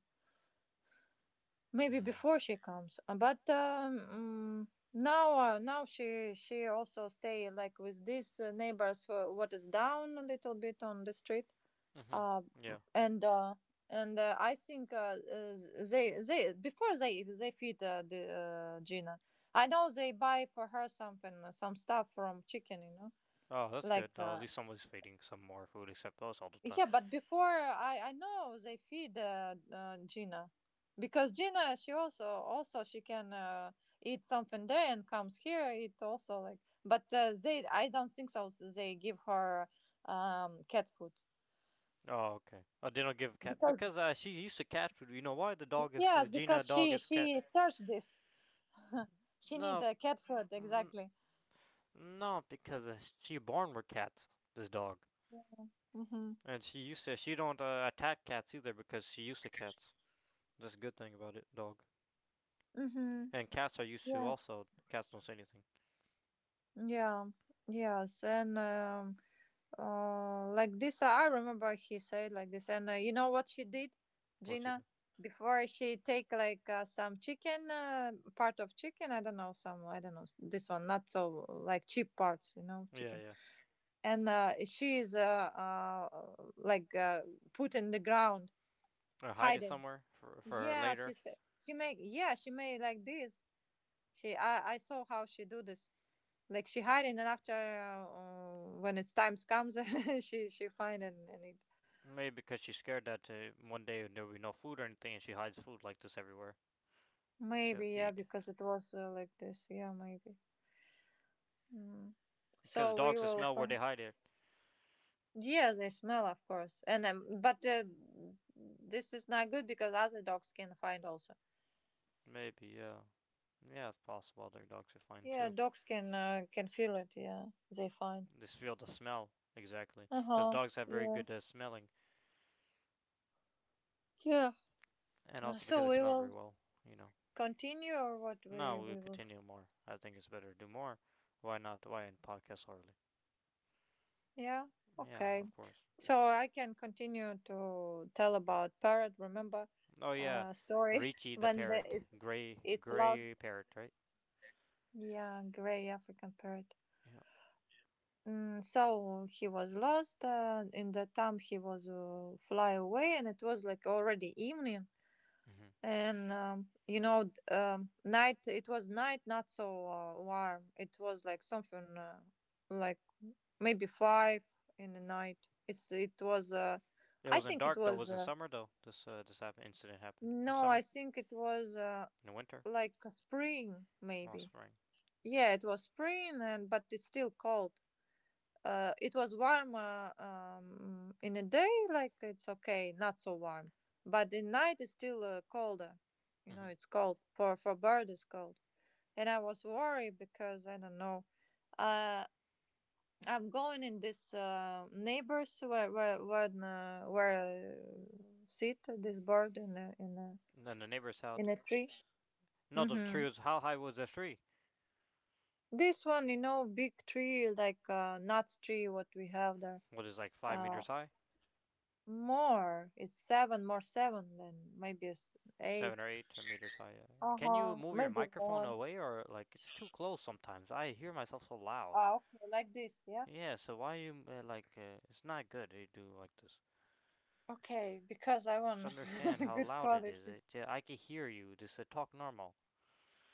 B: maybe
A: Mm.
B: before she comes. Now she also stay like with these neighbors who, what is down a little bit on the street.
A: Mhm.
B: Uh,
A: Yeah.
B: and uh, and I think they before they feed the Gina. I know they buy for her something, some stuff from chicken, you know,
A: Oh, that's good
B: like
A: though. At least somebody's feeding some more food, except us all the time.
B: yeah, but before I know they feed Gina, because Gina, she also she can eat something there and comes here eat also, like, but they, I don't think so, they give her cat food,
A: Oh, okay. I didn't give cat
B: because
A: because she used to cat food. You know why the dog is
B: yes,
A: Gina?
B: because
A: Dog
B: she
A: is cat.
B: she searched this. She need
A: No,
B: the cat food
A: mm,
B: exactly.
A: no, because she born with cats. This dog,
B: Mhm.
A: and she used to. She don't attack cats either because she used to cats. That's a good thing about it, dog.
B: Mhm.
A: And cats are used to
B: Yeah.
A: also. Cats don't say anything.
B: Yeah. Yes, and um, like this, I remember he said like this, and you know what she did,
A: What she
B: Gina?
A: do?
B: Before she take like some chicken, part of chicken, I don't know, some, I don't know, this one, not so like cheap parts, you know,
A: Yeah,
B: chicken.
A: yeah.
B: And she is put in the ground,
A: I hide it
B: hiding.
A: somewhere for her
B: Yeah,
A: later.
B: she's, she make, yeah, she made like this. She I saw how she do this, like she hiding, and after, when it's times comes, [laughs] she find and eat.
A: Maybe because she's scared that one day there'll be no food or anything, and she hides food like this everywhere to
B: Maybe, yeah,
A: eat.
B: because it was like this. Yeah, maybe. Mm.
A: Because
B: So we
A: dogs can
B: will.
A: smell where they hide it.
B: Yeah, they smell, of course, and but this is not good because other dogs can find also.
A: Maybe, yeah. Yeah, it's possible their dogs are fine
B: Yeah,
A: too.
B: dogs can feel it. Yeah, they find.
A: They feel the smell, exactly.
B: Uh
A: Because
B: huh.
A: dogs have very
B: Yeah.
A: good smelling,
B: Yeah.
A: and also because
B: So
A: they
B: we
A: smell very
B: will
A: well, you know.
B: continue, or what
A: No, we'll
B: we will.
A: continue more. I think it's better to do more. Why not? Why in podcast early?
B: Yeah.
A: Yeah,
B: Okay.
A: of course.
B: So I can continue to tell about parrot. Remember,
A: Oh, yeah.
B: story [laughs]
A: Richie the
B: when the,
A: parrot.
B: it's
A: Gray,
B: it's
A: gray
B: lost.
A: parrot, right?
B: Yeah, gray African parrot.
A: Yeah.
B: Mm, so he was lost. In that time, he was fly away, and it was like already evening.
A: Hmm.
B: And you know, night. It was night, not so warm. It was like something like maybe five in the night. It's it was.
A: It
B: I
A: wasn't
B: think it
A: dark though. It
B: was.
A: was in summer though. This happened, incident happened in
B: No, I
A: summer,
B: think it was
A: in the winter,
B: like a spring
A: well,
B: maybe.
A: spring.
B: Yeah, it was spring, and but it's still cold. It was warm in the day, like it's okay, not so warm, but in night it's still colder. You know,
A: Hmm.
B: it's cold for bird it's cold, and I was worried because I don't know. Uh, I'm going in this neighbors where sit this bird in a
A: And then the neighbor's house.
B: in a tree.
A: No, the tree
B: Mm-hmm.
A: was how high was the tree?
B: This one, you know, big tree like nuts tree, what we have there.
A: What is like five
B: Uh,
A: meters high,
B: more. It's seven, more seven, then maybe it's
A: seven
B: eight.
A: or eight or meters high?
B: Uh
A: Can you
B: huh.
A: move your
B: Maybe
A: microphone
B: more.
A: away or like it's too close sometimes? I hear myself so loud.
B: Ah, okay, like this, yeah.
A: Yeah, so why you like? It's not good. You do like this.
B: Okay, because I
A: Just
B: want [laughs]
A: understand how
B: good
A: loud it is.
B: quality.
A: It yeah, I can hear you. Just talk normal.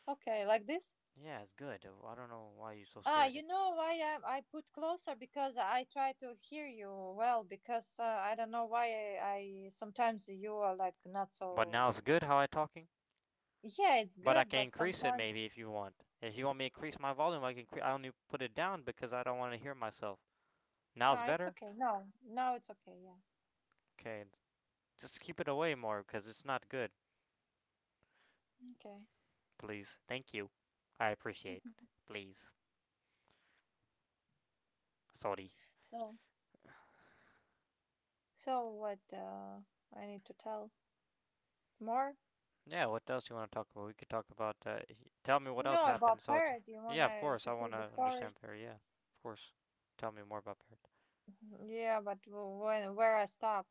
B: Okay, like this.
A: Yeah, it's good. I don't know why you're so
B: Ah,
A: scared.
B: you
A: It.
B: know why I put closer, because I try to hear you well, because I don't know why I sometimes you are like not
A: But now
B: so.
A: it's good. How I talking?
B: Yeah, it's
A: But I
B: good,
A: can
B: but
A: increase it
B: sometimes.
A: maybe if you want. If you want me to increase my volume, I can. I only put it down because I don't want to hear myself. Now it's
B: Ah, it's
A: better.
B: okay. No, no, it's okay. Yeah.
A: Okay, just keep it away more because it's not good.
B: Okay.
A: Please, thank you. I appreciate. Please, sorry.
B: So, so what I need to tell? More?
A: Yeah, what else you want to talk about? We could talk about. Tell me what else
B: No,
A: happened.
B: about
A: So it's
B: parrot. You
A: yeah, of
B: wanna
A: course
B: to
A: I
B: hear
A: want to
B: the story?
A: understand Perry. Yeah, of course. Tell me more about Perry.
B: Yeah, but when where I stop?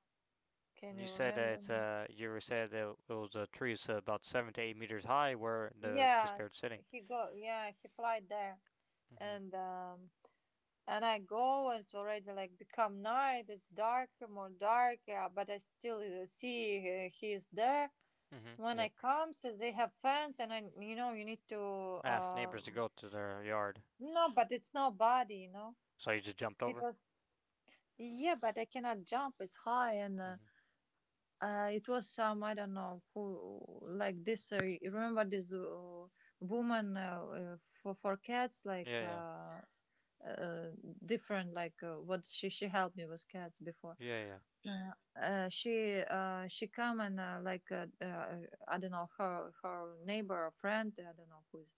B: Can
A: You
B: you
A: said that
B: remember
A: it's
B: me?
A: you were said that it was a tree so about 7 to 8 meters high where the disparate
B: Yes,
A: sitting.
B: he go. Yeah, he flight there,
A: Mm-hmm.
B: and um, and I go, and it's already like become night. It's darker, more dark. Yeah, but I still see he is there.
A: Mm-hmm.
B: When I
A: Yep.
B: come, so they have fans, and I, you know, you need to
A: Asked neighbors to go to their yard,
B: no, but it's nobody, you know.
A: so you just jumped
B: It
A: over.
B: was, yeah, but I cannot jump. It's high, and
A: Mm-hmm.
B: It was some, I don't know who, like this. You remember this woman, for cats, like
A: Yeah, yeah,
B: uh, different, like what she helped me with cats before.
A: yeah, yeah.
B: Uh, she come, and I don't know, her, her neighbor or friend, I don't know who is.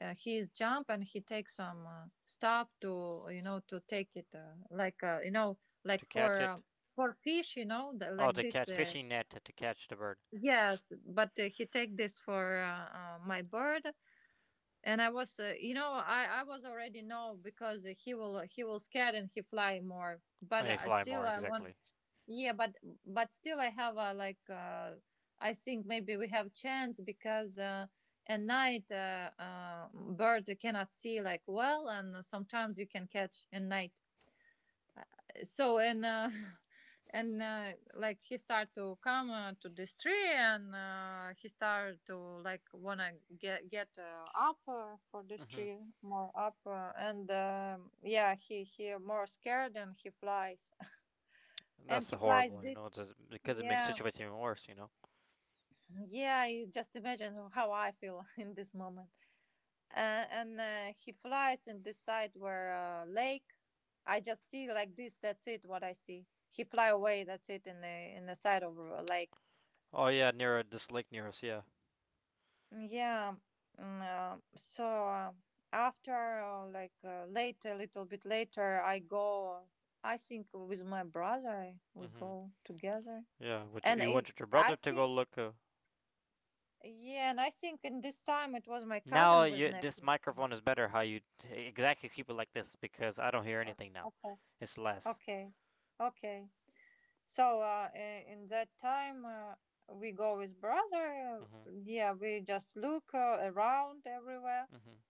B: He is jump and he takes some stuff to, you know, to take it you know,
A: To
B: like
A: catch it.
B: for fish, you know the,
A: Oh,
B: like
A: to
B: this.
A: catch fishing net to catch the bird.
B: Yes, but he take this for my bird, and I was, you know, I was already know because he will, he will scared and he fly more. But
A: A
B: I
A: fly
B: still
A: more
B: I want,
A: exactly.
B: yeah, but still I have a like I think maybe we have chance because at night, bird cannot see like well, and sometimes you can catch at night. So, and [laughs] and like he start to come to this tree, and he start to like wanna get up for this
A: Mm-hmm.
B: tree more up, and yeah, he more scared and he flies [laughs] and
A: That's
B: he flies
A: horrible. You
B: this.
A: know, it's a, because it makes the
B: Yeah,
A: situation even worse.
B: yeah, you just imagine how I feel [laughs] in this moment. Uh, and he flies in this side where, lake. I just see like this. That's it. What I see. He fly away. That's it. In the, in the side of a lake.
A: Oh yeah, near this lake near us. Yeah.
B: Yeah. Mm, so after later, a little bit later, I go. I think with my brother we
A: Mm-hmm.
B: go together,
A: Yeah, which
B: and
A: you
B: it.
A: wanted your
B: I
A: brother to
B: think,
A: go look.
B: yeah, and I think in this time it was my
A: Now
B: cousin with
A: you, this
B: nephew.
A: microphone is better. How you exactly keep it like this because I don't hear
B: Oh,
A: anything now.
B: okay,
A: It's less.
B: okay, okay. So in that time, we go with brother,
A: Mhm.
B: yeah, we just look around everywhere,
A: Mhm.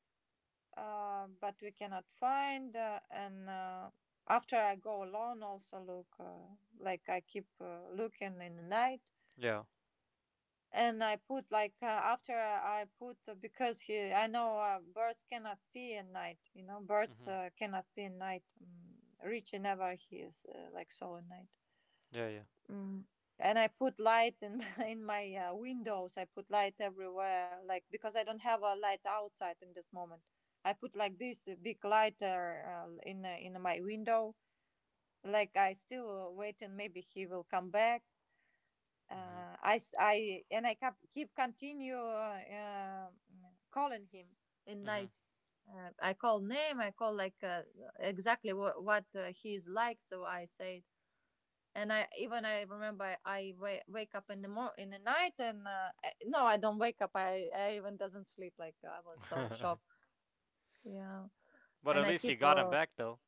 B: uh, but we cannot find, and after I go alone, also look, like I keep looking in the night.
A: Yeah.
B: And I put like after I put, because he, I know birds cannot see at night, you know, birds
A: Mhm.
B: cannot see at night, Richie never hears like so at night.
A: Yeah. Yeah.
B: Mm. And I put light in [laughs] in my windows. I put light everywhere, like because I don't have a light outside in this moment. I put like this big light in in my window. Like I still waiting. Maybe he will come back. And I kept keep continue um, calling him in
A: Mhm.
B: night. I call name. I call like exactly what he is like. So I say and I even I remember I wake up in the in the night and I- no I don't wake up I even doesn't sleep, like I was so
A: Mhm.
B: shocked, yeah.
A: [laughs] But at
B: And I
A: least you
B: keep
A: got him back though,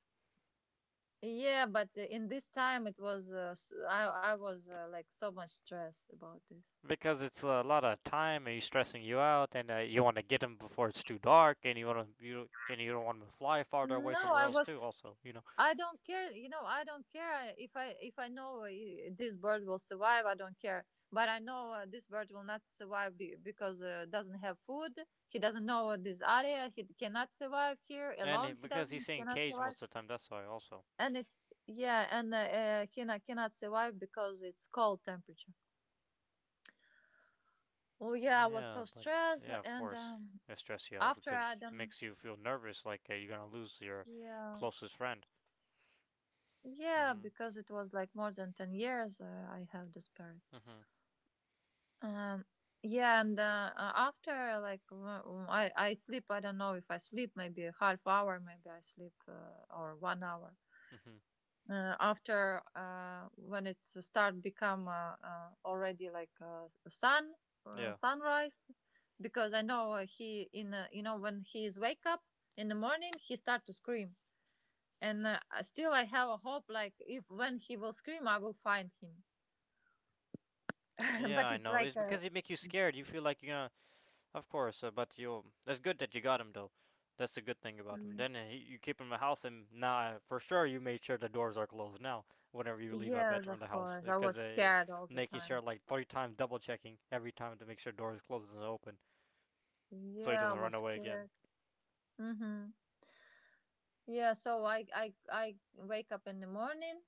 B: yeah, but in this time it was I was like so much stress about this.
A: because it's a lot of time and he's stressing you out, and you want to get him before it's too dark, and you don't want him to fly farther away
B: No,
A: somewhere
B: I
A: else
B: was,
A: too. Also, you know,
B: I don't care. You know, I don't care, if I, if I know this bird will survive. I don't care. But I know this bird will not survive because doesn't have food. He doesn't know this area. He cannot survive here
A: and
B: alone. He
A: because he's
B: doesn't
A: saying
B: cannot
A: cage
B: survive.
A: most of the time, that's why also.
B: And it's, yeah, and he not, cannot survive because it's cold temperature. Oh yeah, I was
A: Yeah,
B: so
A: but
B: stressed.
A: yeah, of
B: And
A: course, it stresses you out
B: after
A: because
B: I
A: it
B: done,
A: makes you feel nervous, like you're gonna lose your
B: yeah.
A: closest friend.
B: Yeah,
A: Mhm.
B: because it was like more than 10 years I have this bird.
A: Mhm.
B: Um, yeah, and after like I sleep. I don't know if I sleep. Maybe a half hour. Maybe I sleep or 1 hour.
A: Mhm.
B: After when it start become already like sun
A: Yeah.
B: sunrise, because I know he in you know, when he is wake up in the morning he start to scream. And still I have a hope like if when he will scream I will find him. [laughs]
A: Yeah,
B: But
A: I
B: it's
A: know. It's
B: like a.
A: because it make you scared. You feel like you're gonna, of course. But you, that's good that you got him though. That's the good thing about him. Then he, you keep him in the house, and now for sure you made sure the doors are closed now. Whenever you leave, I bet
B: Yes,
A: from the
B: of
A: house
B: course. I
A: because
B: was scared all the
A: making sure
B: time.
A: like 3 times double checking every time to make sure doors closed and open, so he
B: Yeah, I
A: doesn't run
B: was
A: away again.
B: scared. Mm-hmm. Yeah, so I wake up in the morning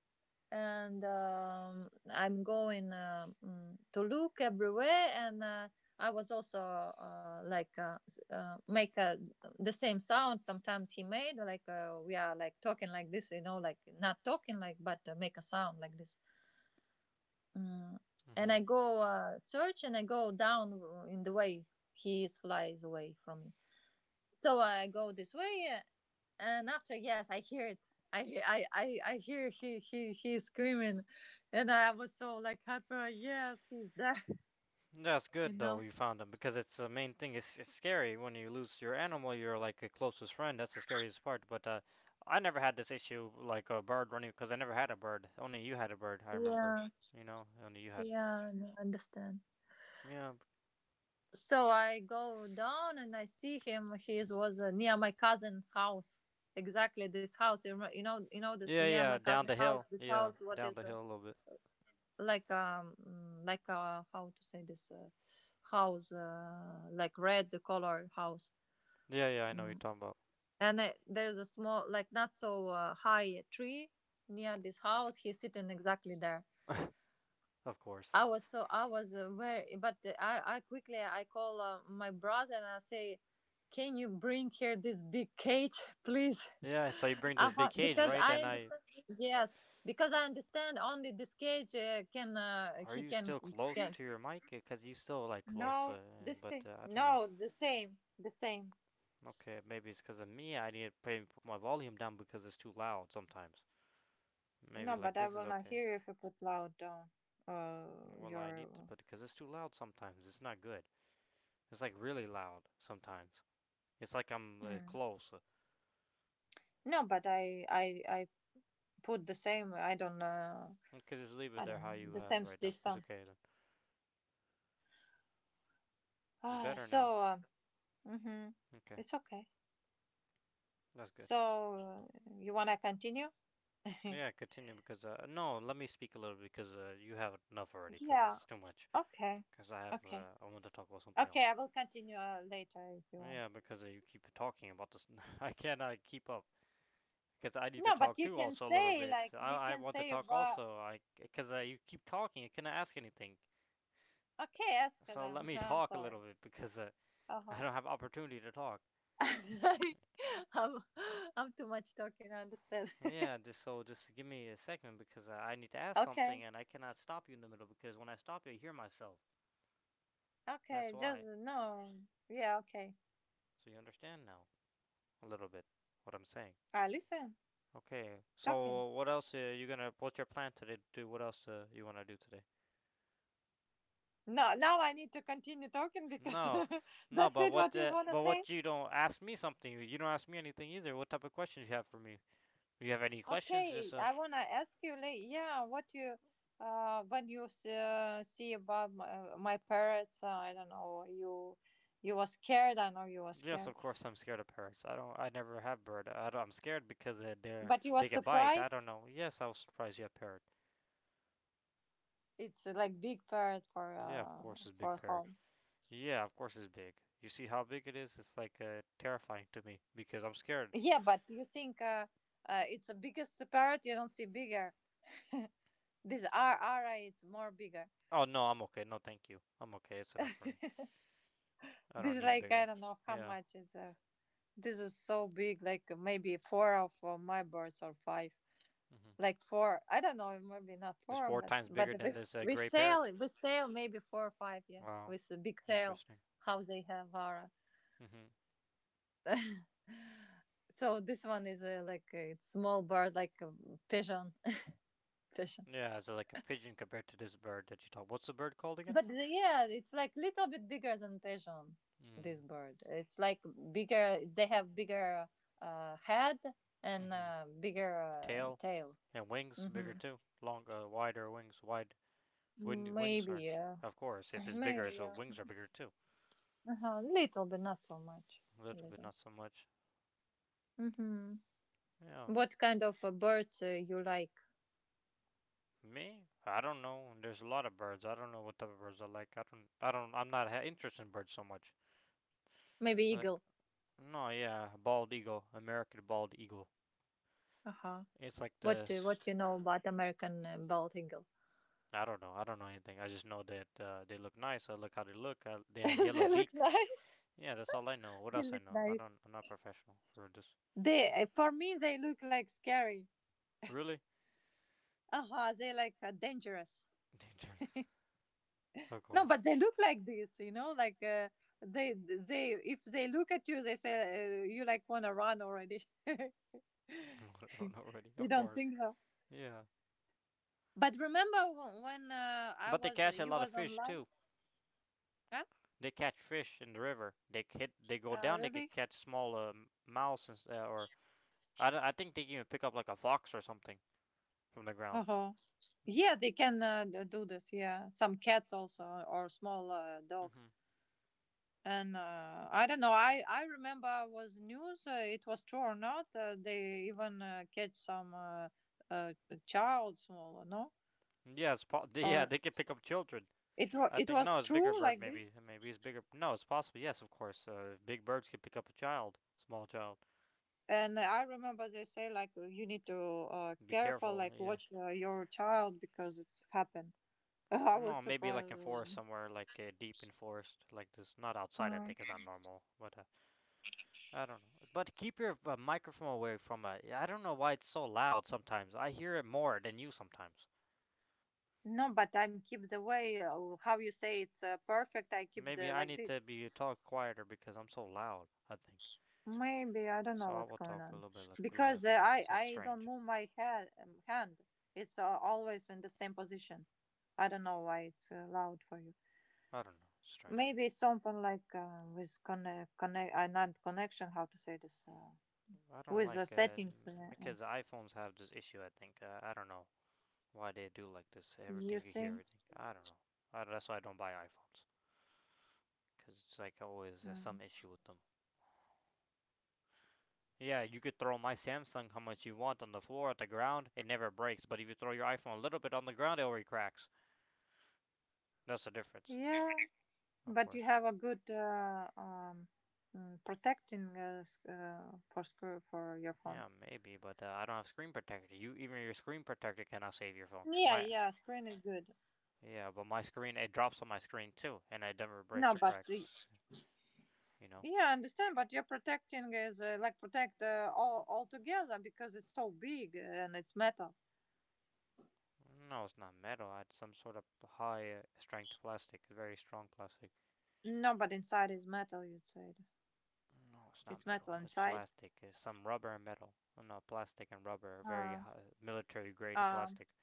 B: and I'm going to look everywhere and I was also like make a, the same sound sometimes he made, like we are like talking like this, you know, like not talking like but make a sound like this. Mm. And
A: Mhm.
B: I go search and I go down in the way he is flies away from me. So I go this way, and after, yes, I hear it. I hear he he is screaming, and I was so like happy. Like, yes, he's there. [laughs]
A: That's
B: You
A: good though
B: know.
A: you found them because it's the main thing. It's scary when you lose your animal, your like a closest friend. That's the scariest part. But I never had this issue like a bird running because I never had a bird. Only you had a bird, I remember.
B: Yeah.
A: You know, only you had.
B: Yeah, no, I understand.
A: Yeah,
B: So I go down and I see him. He was near my cousin house. Exactly this house. You you know. You know this,
A: yeah,
B: near my
A: yeah. Down
B: cousin
A: the
B: house.
A: hill.
B: This
A: Yeah,
B: house. What
A: down the
B: is?
A: hill a little bit.
B: Like like uh, how to say this, house like red, the color house.
A: Yeah, yeah. I know what you're
B: Mm.
A: talking
B: And there's a small, like not so high tree near this house. He's sitting exactly there.
A: about. [laughs] Of course.
B: I was very, but I quickly I call my brother and I say, can you bring here this big cage [laughs] please?
A: Yeah. So you bring
B: I
A: this big
B: thought,
A: cage,
B: because
A: right?
B: I
A: And I
B: understand yes because I understand only this cage can
A: are
B: he
A: you
B: can,
A: still close
B: can.
A: to your mic? Because you still like close,
B: No, the
A: but
B: same.
A: I don't know.
B: No, the same. The same.
A: Okay, maybe it's because of me. I need to maybe put my volume down because it's too loud sometimes. Maybe
B: No, but
A: like
B: I
A: this is
B: will not
A: okay.
B: hear you if you put loud down.
A: Well, I need to
B: Your.
A: put because it's too loud sometimes. It's not good. It's like really loud sometimes. It's like I'm
B: Mm.
A: close.
B: No, but I put the same. I don't know.
A: Okay, just leave it
B: I
A: there
B: don't
A: how
B: know
A: you
B: the
A: have
B: same
A: right now.
B: this
A: It's
B: time.
A: okay then. It's
B: Ah,
A: better now.
B: so mm-hmm.
A: Okay,
B: It's okay.
A: that's good.
B: So you wanna continue? [laughs]
A: Yeah, continue because no, let me speak a little because you have enough already because
B: Yeah.
A: it's too much.
B: Okay.
A: Because I have
B: Okay.
A: I want to talk about something
B: Okay,
A: else.
B: I will continue later if you want.
A: Yeah, because you keep talking about this. [laughs] I cannot keep up because I need to
B: No, but
A: talk
B: you
A: too
B: can
A: also a little
B: say
A: bit.
B: like you
A: I
B: can
A: want to
B: say
A: talk
B: about.
A: also. I because You keep talking, I cannot ask anything.
B: Okay, Eska
A: So let
B: then. [laughs]
A: me [laughs]
B: I'm
A: talk a
B: sorry.
A: little bit because I
B: Uh-huh.
A: don't have opportunity to talk.
B: [laughs] I'm, I'm too much talking, I understand. [laughs]
A: Yeah, just give me a second because I need to ask something
B: Okay.
A: and I cannot stop you in the middle because when I stop you, I hear myself. That's
B: Okay, just
A: why.
B: no. Yeah, okay.
A: So you understand now a little bit what I'm saying.
B: I listen,
A: Okay.
B: talking.
A: So what else are you gonna? What's your plan today? Do what else you wanna do today?
B: No, now I need to continue talking because [laughs]
A: No, no,
B: that's
A: but
B: it
A: what?
B: what you
A: The,
B: want to
A: but
B: say.
A: what you don't ask me something. You don't ask me anything either. What type of questions you have for me? Do you have any questions?
B: Okay,
A: Just
B: I want to ask you like, yeah, what you, uh, when you see about my parents, I don't know, you were scared, I know you were
A: yes,
B: scared,
A: of course. I'm scared of parrots. I don't. I never have bird. I don't, I'm scared because they they're
B: but you were
A: they get bite. I don't
B: surprised.
A: know. Yes, I was surprised you have parrot.
B: It's like big parrot for
A: Yeah, of
B: uh,
A: course it's big
B: for
A: parrot.
B: home.
A: Yeah, of course it's big. You see how big it is? It's like terrifying to me because I'm scared.
B: Yeah, but you think it's the biggest parrot? You don't see bigger. [laughs] This RRI, it's more bigger.
A: Oh no, I'm okay. No, thank you. I'm okay. It's enough
B: [laughs]
A: for me. I don't
B: This,
A: need
B: like, I
A: bigger.
B: don't know how
A: Yeah.
B: much is. This is so big, like maybe four of my birds or five.
A: Mhm.
B: Like four, I don't know, maybe not
A: It's
B: four,
A: four times
B: but
A: bigger than
B: with
A: this
B: with
A: gray parrot.
B: tail, with tail maybe four or five, yeah,
A: Wow,
B: with a big tail,
A: interesting.
B: how they have aura.
A: Hmm.
B: So this one is like a small bird, like a pigeon, [laughs] pigeon.
A: Yeah, it's like a pigeon compared to this bird that you talk. What's the bird called again?
B: Yeah, it's like little bit bigger than pigeon. This
A: Mm.
B: bird, it's like bigger. They have bigger head and
A: Hmm.
B: bigger
A: Tail
B: tail.
A: and wings bigger
B: Hmm.
A: too. Long, wider wings. Wings
B: Maybe,
A: are.
B: yeah.
A: Of course, if
B: [laughs]
A: it's bigger,
B: Maybe,
A: its
B: yeah.
A: wings are bigger too.
B: Uh-huh. Little, but not so much.
A: A
B: A
A: little bit,
B: little.
A: not so much.
B: Hmm.
A: Yeah,
B: What kind of birds you like?
A: me? I don't know. There's a lot of birds. I don't know what type of birds I like. I don't. I'm not ha- interested in birds so much.
B: Maybe
A: Like,
B: eagle.
A: no, yeah, bald eagle, American bald eagle.
B: Uh huh.
A: It's like this.
B: What you know about American bald eagle?
A: I don't know. I don't know anything. I just know that they look nice. I look how they look. I, they
B: [laughs]
A: have yellow
B: They look
A: beak.
B: nice.
A: Yeah, that's all I know. What
B: They
A: else I
B: look
A: know? I
B: nice.
A: don't. I'm not professional for this.
B: They for me they look like scary.
A: Really?
B: Uh huh. They like dangerous?
A: [laughs] Dangerous. Of
B: No,
A: course.
B: but they look like this, you know, like they if they look at you, they say you like wanna run already. [laughs]
A: [laughs] I don't know already.
B: You
A: Of
B: don't
A: course.
B: think so?
A: Yeah.
B: But remember when I
A: But they
B: was,
A: catch a
B: you
A: lot of
B: was
A: fish
B: online?
A: too.
B: Huh?
A: They catch fish in the river. They hit. They go down. They could
B: Really?
A: catch small mouse and, or I think they can even pick up like a fox or something from the
B: Uh
A: ground.
B: huh. Yeah, they can do this. Yeah, some cats also or small
A: Mm-hmm.
B: dogs. And I don't know, I remember was news, it was true or not, they even catch some uh, child small no
A: Yes, [laughs] yeah,
B: or
A: they can pick up children.
B: it was,
A: I
B: it
A: think no,
B: was
A: it's bigger
B: true
A: bird.
B: like
A: Maybe
B: this.
A: maybe it's bigger. No, it's possible. Yes, of course. If big birds can pick up a child, small child,
B: And I remember they say like, "Well, you need to
A: be
B: careful,
A: careful.
B: like
A: Yeah.
B: watch your child because it's happened." [laughs] I
A: No,
B: was
A: maybe like in forest
B: surprised.
A: somewhere, like deep in forest, like this. Not outside. I
B: Uh,
A: think is not normal. But I don't know. But keep your microphone away from. Yeah, I don't know why it's so loud sometimes. I hear it more than you sometimes.
B: no, but I'm keep the way, how you say, it's perfect. I keep
A: Maybe
B: the
A: I
B: like
A: need to
B: this.
A: be talk quieter because I'm so loud. I think.
B: Maybe I don't know
A: So I
B: what's
A: will
B: going
A: talk a
B: on
A: little bit like
B: because
A: less
B: I
A: because that's
B: I don't
A: strange.
B: move my head, hand. It's always in the same position. I don't know why it's loud for you.
A: I don't know. Strange.
B: Maybe something like with connect, not connection. How to say this?
A: I don't
B: With the
A: like
B: settings.
A: because iPhones have this issue. I think I don't know why they do like this.
B: You
A: Everything you hear,
B: see?
A: everything. I don't know. That's why I don't buy iPhones because it's like always some
B: Mm.
A: issue with them. Yeah, you could throw my Samsung how much you want on the floor at the ground, it never breaks. But if you throw your iPhone a little bit on the ground, it already cracks. That's the difference,
B: Yeah,
A: of
B: but you
A: course.
B: have a good protecting for screw for your phone.
A: Yeah, maybe, but I don't have screen protector. You even your screen protector cannot save your phone.
B: Yeah,
A: My
B: yeah, screen is good.
A: yeah, but my screen it drops on my screen too, and it never breaks
B: No,
A: or
B: but
A: cracks. You know,
B: yeah, I understand, but you're protecting is like protect all together because it's so big and it's metal.
A: no, it's not metal. It's some sort of high strength plastic, very strong plastic.
B: No, but inside is metal. You'd say
A: No, it's not
B: it's metal
A: metal. It's
B: inside.
A: plastic. It's some rubber and metal. Oh, no, plastic and rubber, very
B: Uh,
A: high, military grade
B: um.
A: plastic.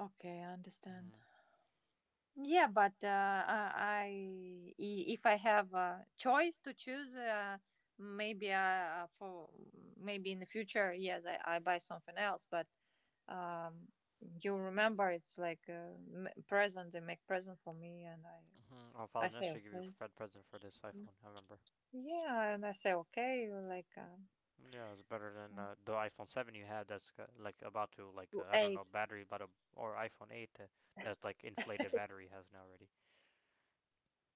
B: Okay, I
A: Mm-hmm.
B: understand. Yeah, but if I have a choice to choose, maybe for, maybe in the future, yes, I buy something else. But um, you remember, it's like present. They make present for me, and I
A: Mm-hmm. Oh, Father
B: I say
A: Nestor gave you a
B: okay.
A: Fred present for this iPhone. I remember.
B: Yeah, and I say okay, like
A: Yeah, it's better than the iPhone 7 you had. That's got, like about to like
B: to
A: I don't know
B: eight.
A: battery, but a or iPhone 8 that's like inflated battery has now already.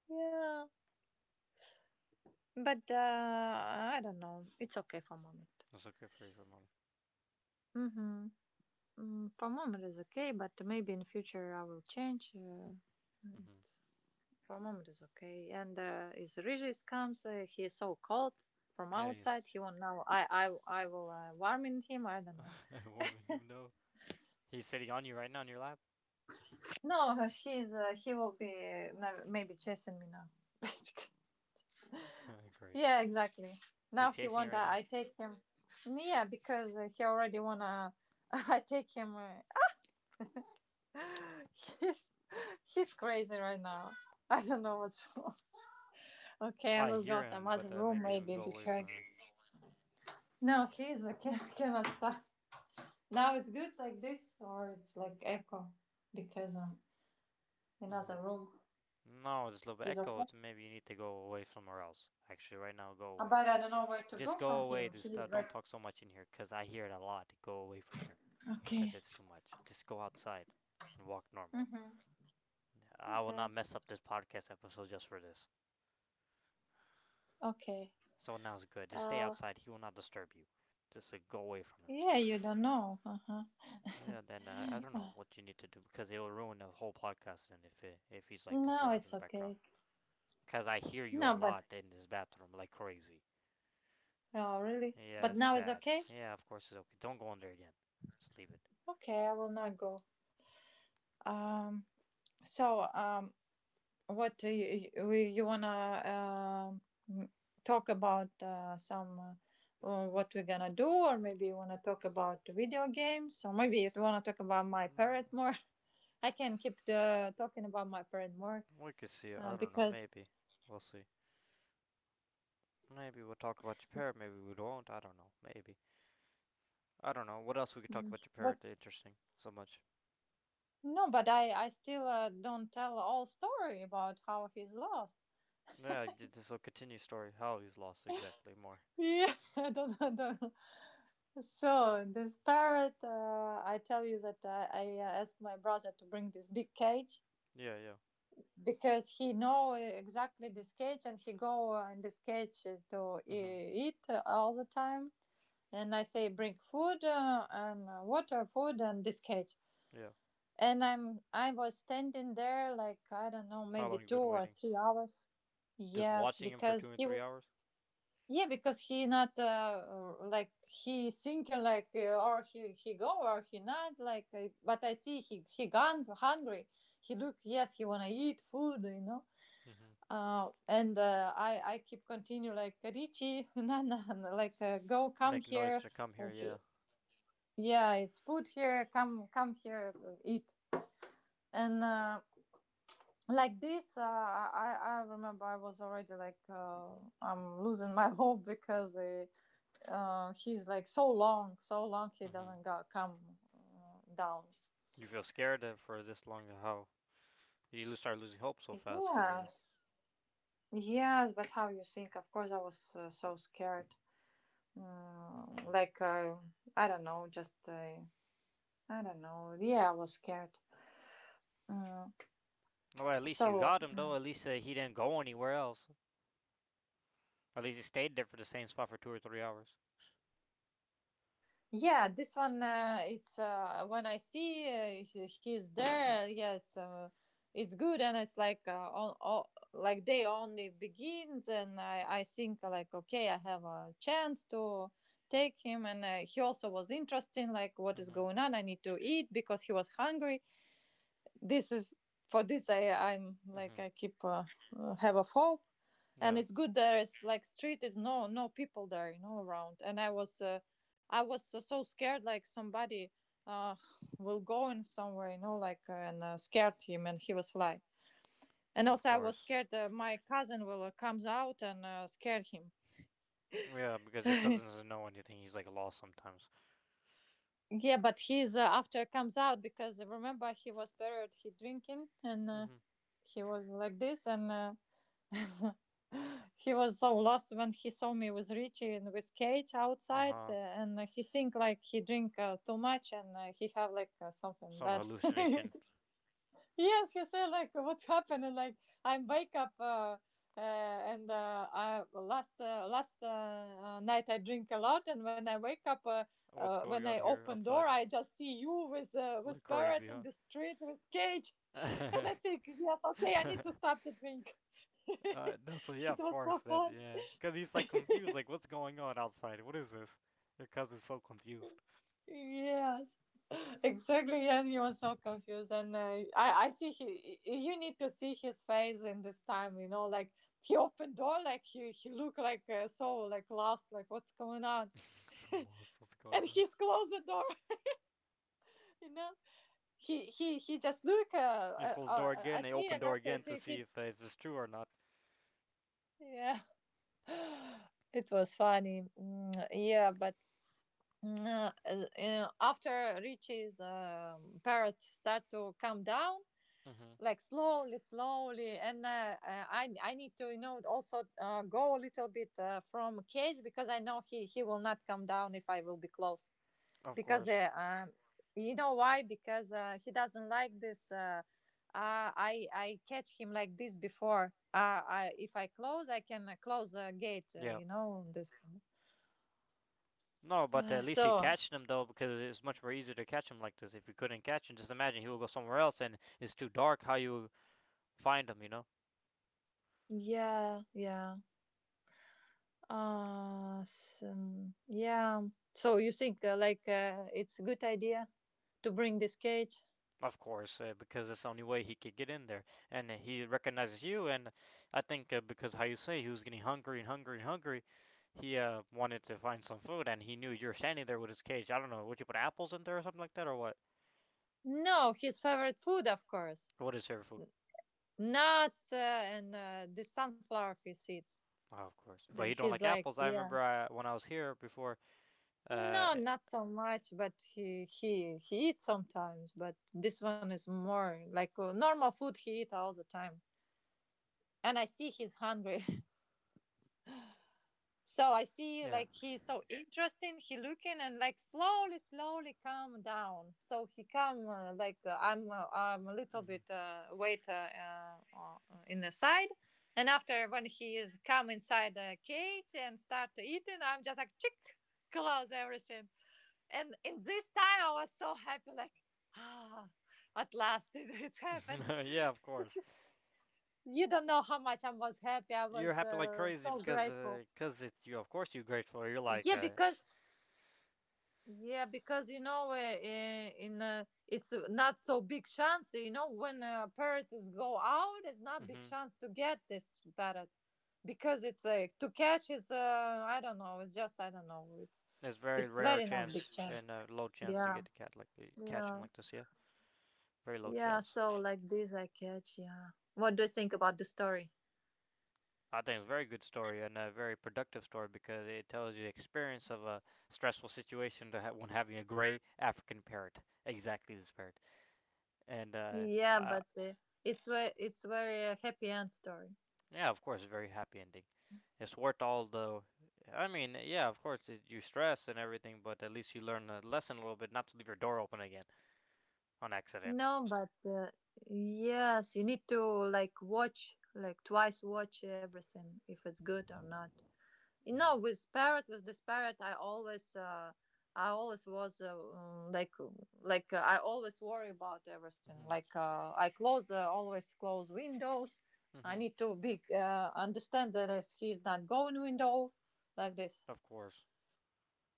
B: Yeah, but I don't know. It's okay for moment.
A: That's okay for you for a mom.
B: Mm-hmm. Mm, for moment is okay, but maybe in future I will change. It,
A: Mhm.
B: for moment is okay. And is Regis comes, he is so cold from
A: Yeah, he's
B: outside. He won't know. I will warm in him. I don't know.
A: [laughs] warming him. No, he's sitting on you right now on your lap.
B: No, [laughs] he's, he will be maybe chasing me now. [laughs]
A: [laughs] Great.
B: Yeah, exactly.
A: He's
B: Now he
A: chasing you
B: want
A: right now.
B: I take him. Yeah, because he already wanna. [laughs] I take him. [laughs] He's he's crazy right now. I don't know what's [laughs] wrong. Okay, I
A: I
B: will go
A: hear
B: some
A: him,
B: other
A: but
B: room
A: make him
B: maybe
A: go away from
B: because
A: it.
B: no, he's, I can, [laughs] cannot stop. Now it's good like this, or it's like echo because
A: Mhm.
B: another room
A: No, there's a little bit
B: is
A: echo.
B: okay.
A: It's maybe you need to go away somewhere else. Actually, right now, go away.
B: But I don't know where to
A: Just
B: go
A: go
B: from
A: away.
B: him.
A: Just
B: He's
A: don't
B: like.
A: talk so much in here because I hear it a lot. Go away from here because
B: Okay.
A: it's too much. Just go outside and walk normal.
B: Mhm.
A: I will
B: Okay.
A: not mess up this podcast episode just for this.
B: Okay.
A: So now it's good. Just stay
B: Uh.
A: outside. He will not disturb you. Just go away from him.
B: Yeah, you don't know. Uh huh.
A: Yeah, then I don't know what you need to do because it will ruin the whole podcast. And if he's like this
B: No,
A: loud in
B: it's
A: the background,
B: okay.
A: because I hear you a
B: No, but
A: lot in this bathroom like crazy.
B: oh, really?
A: Yeah,
B: But
A: it's
B: now it's
A: bad.
B: okay.
A: Yeah, of course it's okay. Don't go in there again. Just leave it.
B: Okay, I will not go. Um. So, what do you wanna um talk about? Some what we're gonna do, or maybe you wanna talk about the video games, or maybe you wanna talk about my
A: Mm,
B: parrot more. [laughs] I can keep the, talking about my parrot more
A: we could see it. I don't know.
B: because
A: Maybe. We'll see. Maybe we'll talk about your parrot. Maybe we won't. I don't know. Maybe. I don't know. What else we could talk
B: mm,
A: about your
B: what.
A: parrot? Interesting. So much.
B: no, but I still don't tell all story about how he's lost.
A: Yeah, this will continue story. How he's lost exactly more.
B: Yeah, [laughs] I don't know. I don't know. So this parrot, I tell you that I asked my brother to bring this big cage
A: Yeah, yeah.
B: because he know exactly this cage and he go in this cage to
A: Mhm.
B: eat all the time. And I say bring food and water, food and this cage.
A: Yeah.
B: And I was standing there like I don't know,
A: How
B: maybe
A: long you
B: two
A: been
B: or
A: waiting?
B: three hours.
A: Just
B: Yes,
A: watching him for two
B: because
A: and
B: he
A: three
B: was
A: hours.
B: Yeah, because he not, like he thinking, like, or he go or he not like, but I see he gone hungry. He look, yes, he wanna eat food.
A: Mhm.
B: And I keep continue like Richie [laughs] Nana like go come
A: Make noise
B: here.
A: to come here.
B: And he-
A: Yeah.
B: yeah, it's food here. Come here, eat and. Like this, I remember I was already like, I'm losing my [laughs] hope because he's like, so long, so long he
A: Mhm.
B: doesn't go, come down.
A: You feel scared for this long? How you start losing hope so fast? Cause it is.
B: Yes, yes, but how you think? Of course, I was so scared. Mm,
A: Mhm.
B: like uh, I don't know, just I don't know. Yeah, I was scared. Mm,
A: Well, at least you
B: so
A: got him, though. At least he didn't go anywhere else. At least he stayed there for the same spot for two or three hours.
B: Yeah, this one, it's when I see, he, he's there. Yes, it's good, and it's like, on, like day only begins, and I think, like okay, I have a chance to take him, and he also was interesting, like what is
A: Mm-hmm.
B: going on. I need to eat because he was hungry, this is for this I'm like
A: Mm-hmm.
B: I keep have of hope, and
A: Yeah,
B: it's good there is like street is no people there, around, and I was so, so scared, like somebody uh will go in somewhere, like, and scared him and he was fly. And
A: of
B: also I was
A: course.
B: scared, my cousin will, comes out and scare him.
A: Yeah, because your cousin
B: [laughs]
A: doesn't know anything. He's like lost sometimes.
B: Yeah, but he's, after comes out, because, remember, he was buried, he drinking, and,
A: Mm-hmm.
B: he was like this, and he was so lost when he saw me with Richie and with Kate
A: Uh
B: outside,
A: huh.
B: and he think like he drink, too much, and he have like, something
A: Some
B: bad. [laughs]
A: hallucination.
B: Yes, he said like, what's happening? Like, I wake up. And I last, last, night I drink a lot, and when I wake up,
A: What's going
B: when
A: on
B: I
A: here
B: open door,
A: outside?
B: I just see you with,
A: Like
B: with parrot
A: crazy,
B: in
A: huh?
B: the street with cage. [laughs] And I
A: [laughs]
B: think, yes, okay, I need to stop the drink. [laughs]
A: No, so yeah,
B: It
A: of
B: was so
A: course. That
B: fun.
A: yeah, because he's
B: [laughs]
A: like confused. Like, what's going on outside? What is this? Your cousin's so confused.
B: Yes, exactly. Yes, he was so confused, and I see he. You need to see his face in this time. Like he opened door, like he looked like, so like lost, like what's going on,
A: [laughs] so lost. What's
B: and
A: going on?
B: he's closed the door. [laughs] You know, he just look,
A: And close the door again,
B: at
A: they
B: me,
A: open
B: and
A: door
B: after
A: again to
B: she
A: see
B: he
A: if it's true or not.
B: yeah. [gasps] [sighs] It was funny. Yeah, but uh, after Richie's parrots start to come down,
A: Hmm.
B: like slowly, slowly, and I need to, also, go a little bit, from cage, because I know he will not come down if I will be close,
A: Of
B: because
A: course.
B: you know why, because, he doesn't like this. I catch him like this before. I, if I close, I can, close the gate.
A: Yeah.
B: You know this. [sighs]
A: No, but
B: Uh,
A: at least you
B: so
A: catch them though, because it's much more easier to catch him like this. If you couldn't catch him, just imagine he will go somewhere else and it's too dark how you find him, you know?
B: yeah, yeah. Some, yeah. So you think, like, it's a good idea to bring this cage?
A: Of course, because that's the only way he could get in there. And he recognizes you, and I think because how you say he was getting hungry and hungry and hungry, he wanted to find some food and he knew you're standing there with his cage. I don't know, would you put apples in there or something like that, or what?
B: No, his favorite food, of course,
A: What is favorite food?
B: nuts, and the sunflower seeds.
A: Oh, of course.
B: The,
A: But you don't
B: his
A: like
B: likes,
A: apples. I
B: yeah.
A: remember I, when I was here before. Uh,
B: No, not so much, but he eats sometimes. But this one is more like, normal food he eat all the time, and I see he's hungry. So I see
A: yeah.
B: like he's so interesting. He looking and like slowly, slowly calm down. So he come, like, I'm a little
A: Hmm.
B: bit, wait, in the side, and after when he is come inside the cage and start to eating, I'm just like chick, close everything. And in this time I was so happy, like, ah, at last [laughs] it
A: [laughs]
B: happened.
A: yeah, of course.
B: You don't know how much I was happy. I
A: You're
B: was,
A: happy like crazy
B: so
A: because
B: grateful.
A: cause it's you. Of course, you're grateful. You're like,
B: Yeah, because Yeah, because, you know, I- in it's, not so big chance. You know, when, parrots go out, it's not big
A: hmm.
B: chance to get this parrot, because it's like to catch is, I don't know. It's just, I don't know.
A: It's very
B: It's
A: rare
B: very not big
A: chance and
B: chance.
A: low chance to
B: Yeah,
A: get to cat like catch him
B: yeah,
A: like this. Yeah, very low
B: yeah.
A: chance.
B: So like this, I catch. Yeah. What do you think about the story?
A: I think it's a very good story and a very productive story because it tells you the experience of a stressful situation to when having a gray African parrot, exactly this parrot, and uh,
B: Yeah,
A: I,
B: but it's very, happy end story.
A: yeah, of course, a very happy ending. It's worth all the. I mean, yeah, of course, it, you stress and everything, but at least you learn a lesson a little bit not to leave your door open again on accident.
B: No, but yes, you need to like watch, like twice watch everything if it's good or not. No,
A: Mm
B: with parrot, with this parrot, I always was, like, I always worry about everything.
A: hmm.
B: Like, I close, always close windows.
A: Mm
B: I
A: hmm.
B: need to be, understand that is- he's not going window like this.
A: Of course.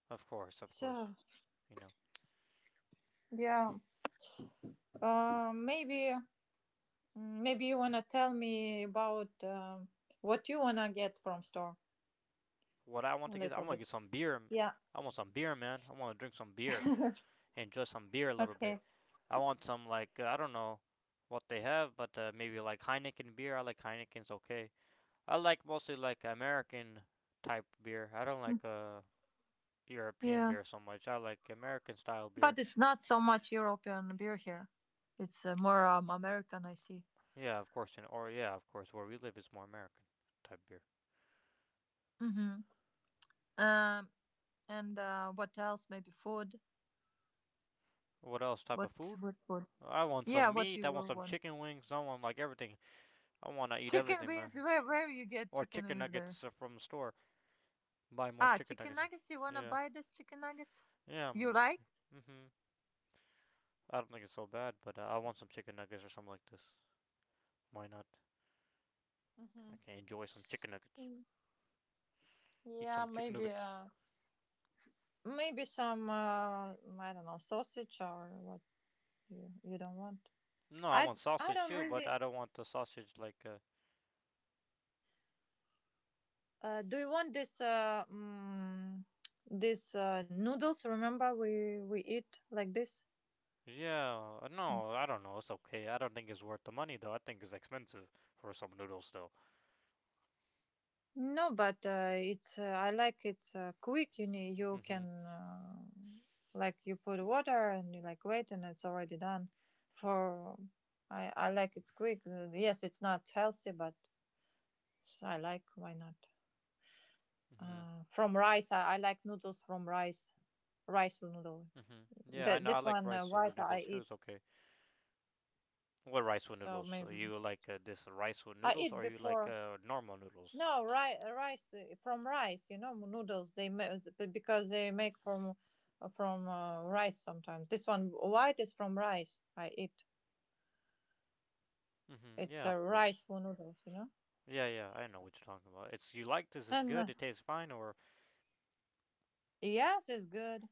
A: Of course. Of
B: So
A: course. You know.
B: yeah, maybe Maybe you wanna tell me about, what you wanna get from store
A: What I want
B: a
A: to get, I
B: little
A: want to
B: bit.
A: get some beer.
B: Yeah.
A: I want some beer, man. I want to drink some beer,
B: [laughs]
A: enjoy some beer a little bit.
B: Okay.
A: I want some, like, I don't know what they have, but maybe like Heineken beer. I like Heineken's okay. I like mostly like American type beer. I don't like European
B: Yeah,
A: beer so much. I like American style beer.
B: but it's not so much European beer here. It's, more, American, I see.
A: Yeah, of course. In or yeah, of course, where we live is more American type beer.
B: Hmm. Um, and what else? Maybe food.
A: What else type of
B: What
A: food?
B: what food?
A: I want
B: Yeah,
A: some
B: what
A: meat.
B: you
A: I want
B: will
A: some
B: want?
A: chicken wings. I want like everything. I want to eat
B: Chicken
A: everything, man.
B: wings. Where you get
A: Or
B: chicken
A: chicken
B: wings there?
A: nuggets from the store. Buy more
B: Ah,
A: chicken
B: chicken
A: nuggets.
B: nuggets. You wanna
A: Yeah,
B: buy this chicken nuggets?
A: yeah.
B: You
A: Mm,
B: like?
A: mhm. I don't think it's so bad, but I want some chicken nuggets or something like this. Why not?
B: Mm-hmm.
A: I can enjoy some chicken nuggets. Eat some
B: Yeah,
A: chicken
B: maybe.
A: nuggets.
B: Maybe some, I don't know, sausage or what you don't want.
A: No, I
B: I
A: want
B: I
A: sausage
B: don't
A: too, but I
B: really.
A: don't want the sausage like
B: Do you want this this, noodles? Remember we eat like this.
A: yeah, no, I don't know. It's okay. I don't think it's worth the money though. I think it's expensive for some noodles though.
B: No, but it's, I like, it's, quick. You can,
A: Mhm.
B: like you put water and you like wait and it's already done. For I like, it's quick. Yes, it's not healthy, but I like. Why not?
A: Mhm.
B: From rice, I like noodles from rice, rice noodle.
A: Mhm. Yeah, I
B: The,
A: know. I
B: this
A: like
B: one,
A: rice with
B: white I
A: noodles too.
B: eat,
A: It's okay. What rice with
B: so
A: noodles?
B: maybe
A: You like this rice with
B: I
A: noodles
B: eat
A: or you like
B: before.
A: normal noodles?
B: No, ri- rice, from rice. You know, noodles they ma- because they make from, rice sometimes. This one white is from rice. I eat.
A: Mhm.
B: It's
A: Yeah,
B: a,
A: of
B: rice
A: course.
B: for noodles. You know,
A: Yeah, yeah. I know what you're talking about. It's you like this is
B: and
A: good. It tastes fine or
B: yes, it's good.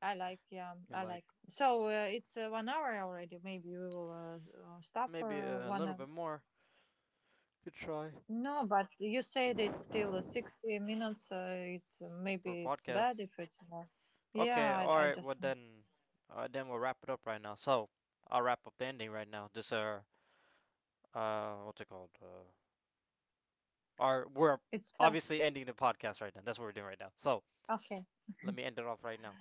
B: I like. Yeah,
A: you
B: I like.
A: like
B: So, it's, 1 hour already. Maybe we will, stop
A: maybe
B: for,
A: a
B: one,
A: little bit more. Good try
B: No, but you said it's still, 60 minutes. It
A: for a
B: maybe it's bad
A: podcast.
B: if it's more. Yeah,
A: Okay,
B: I
A: alright, well
B: just
A: then we'll wrap it up right now. So, I'll wrap up the ending right now. Just what's it called? Our, we're
B: it's bad.
A: obviously ending the podcast right now. That's what we're doing right now. So,
B: Okay,
A: let me end it off right now.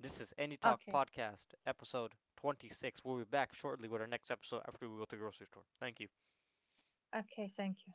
A: This is Any Talk
B: okay,
A: Podcast, episode 26. We'll be back shortly with our next episode after we go to the grocery store. Thank you.
B: okay. Thank you.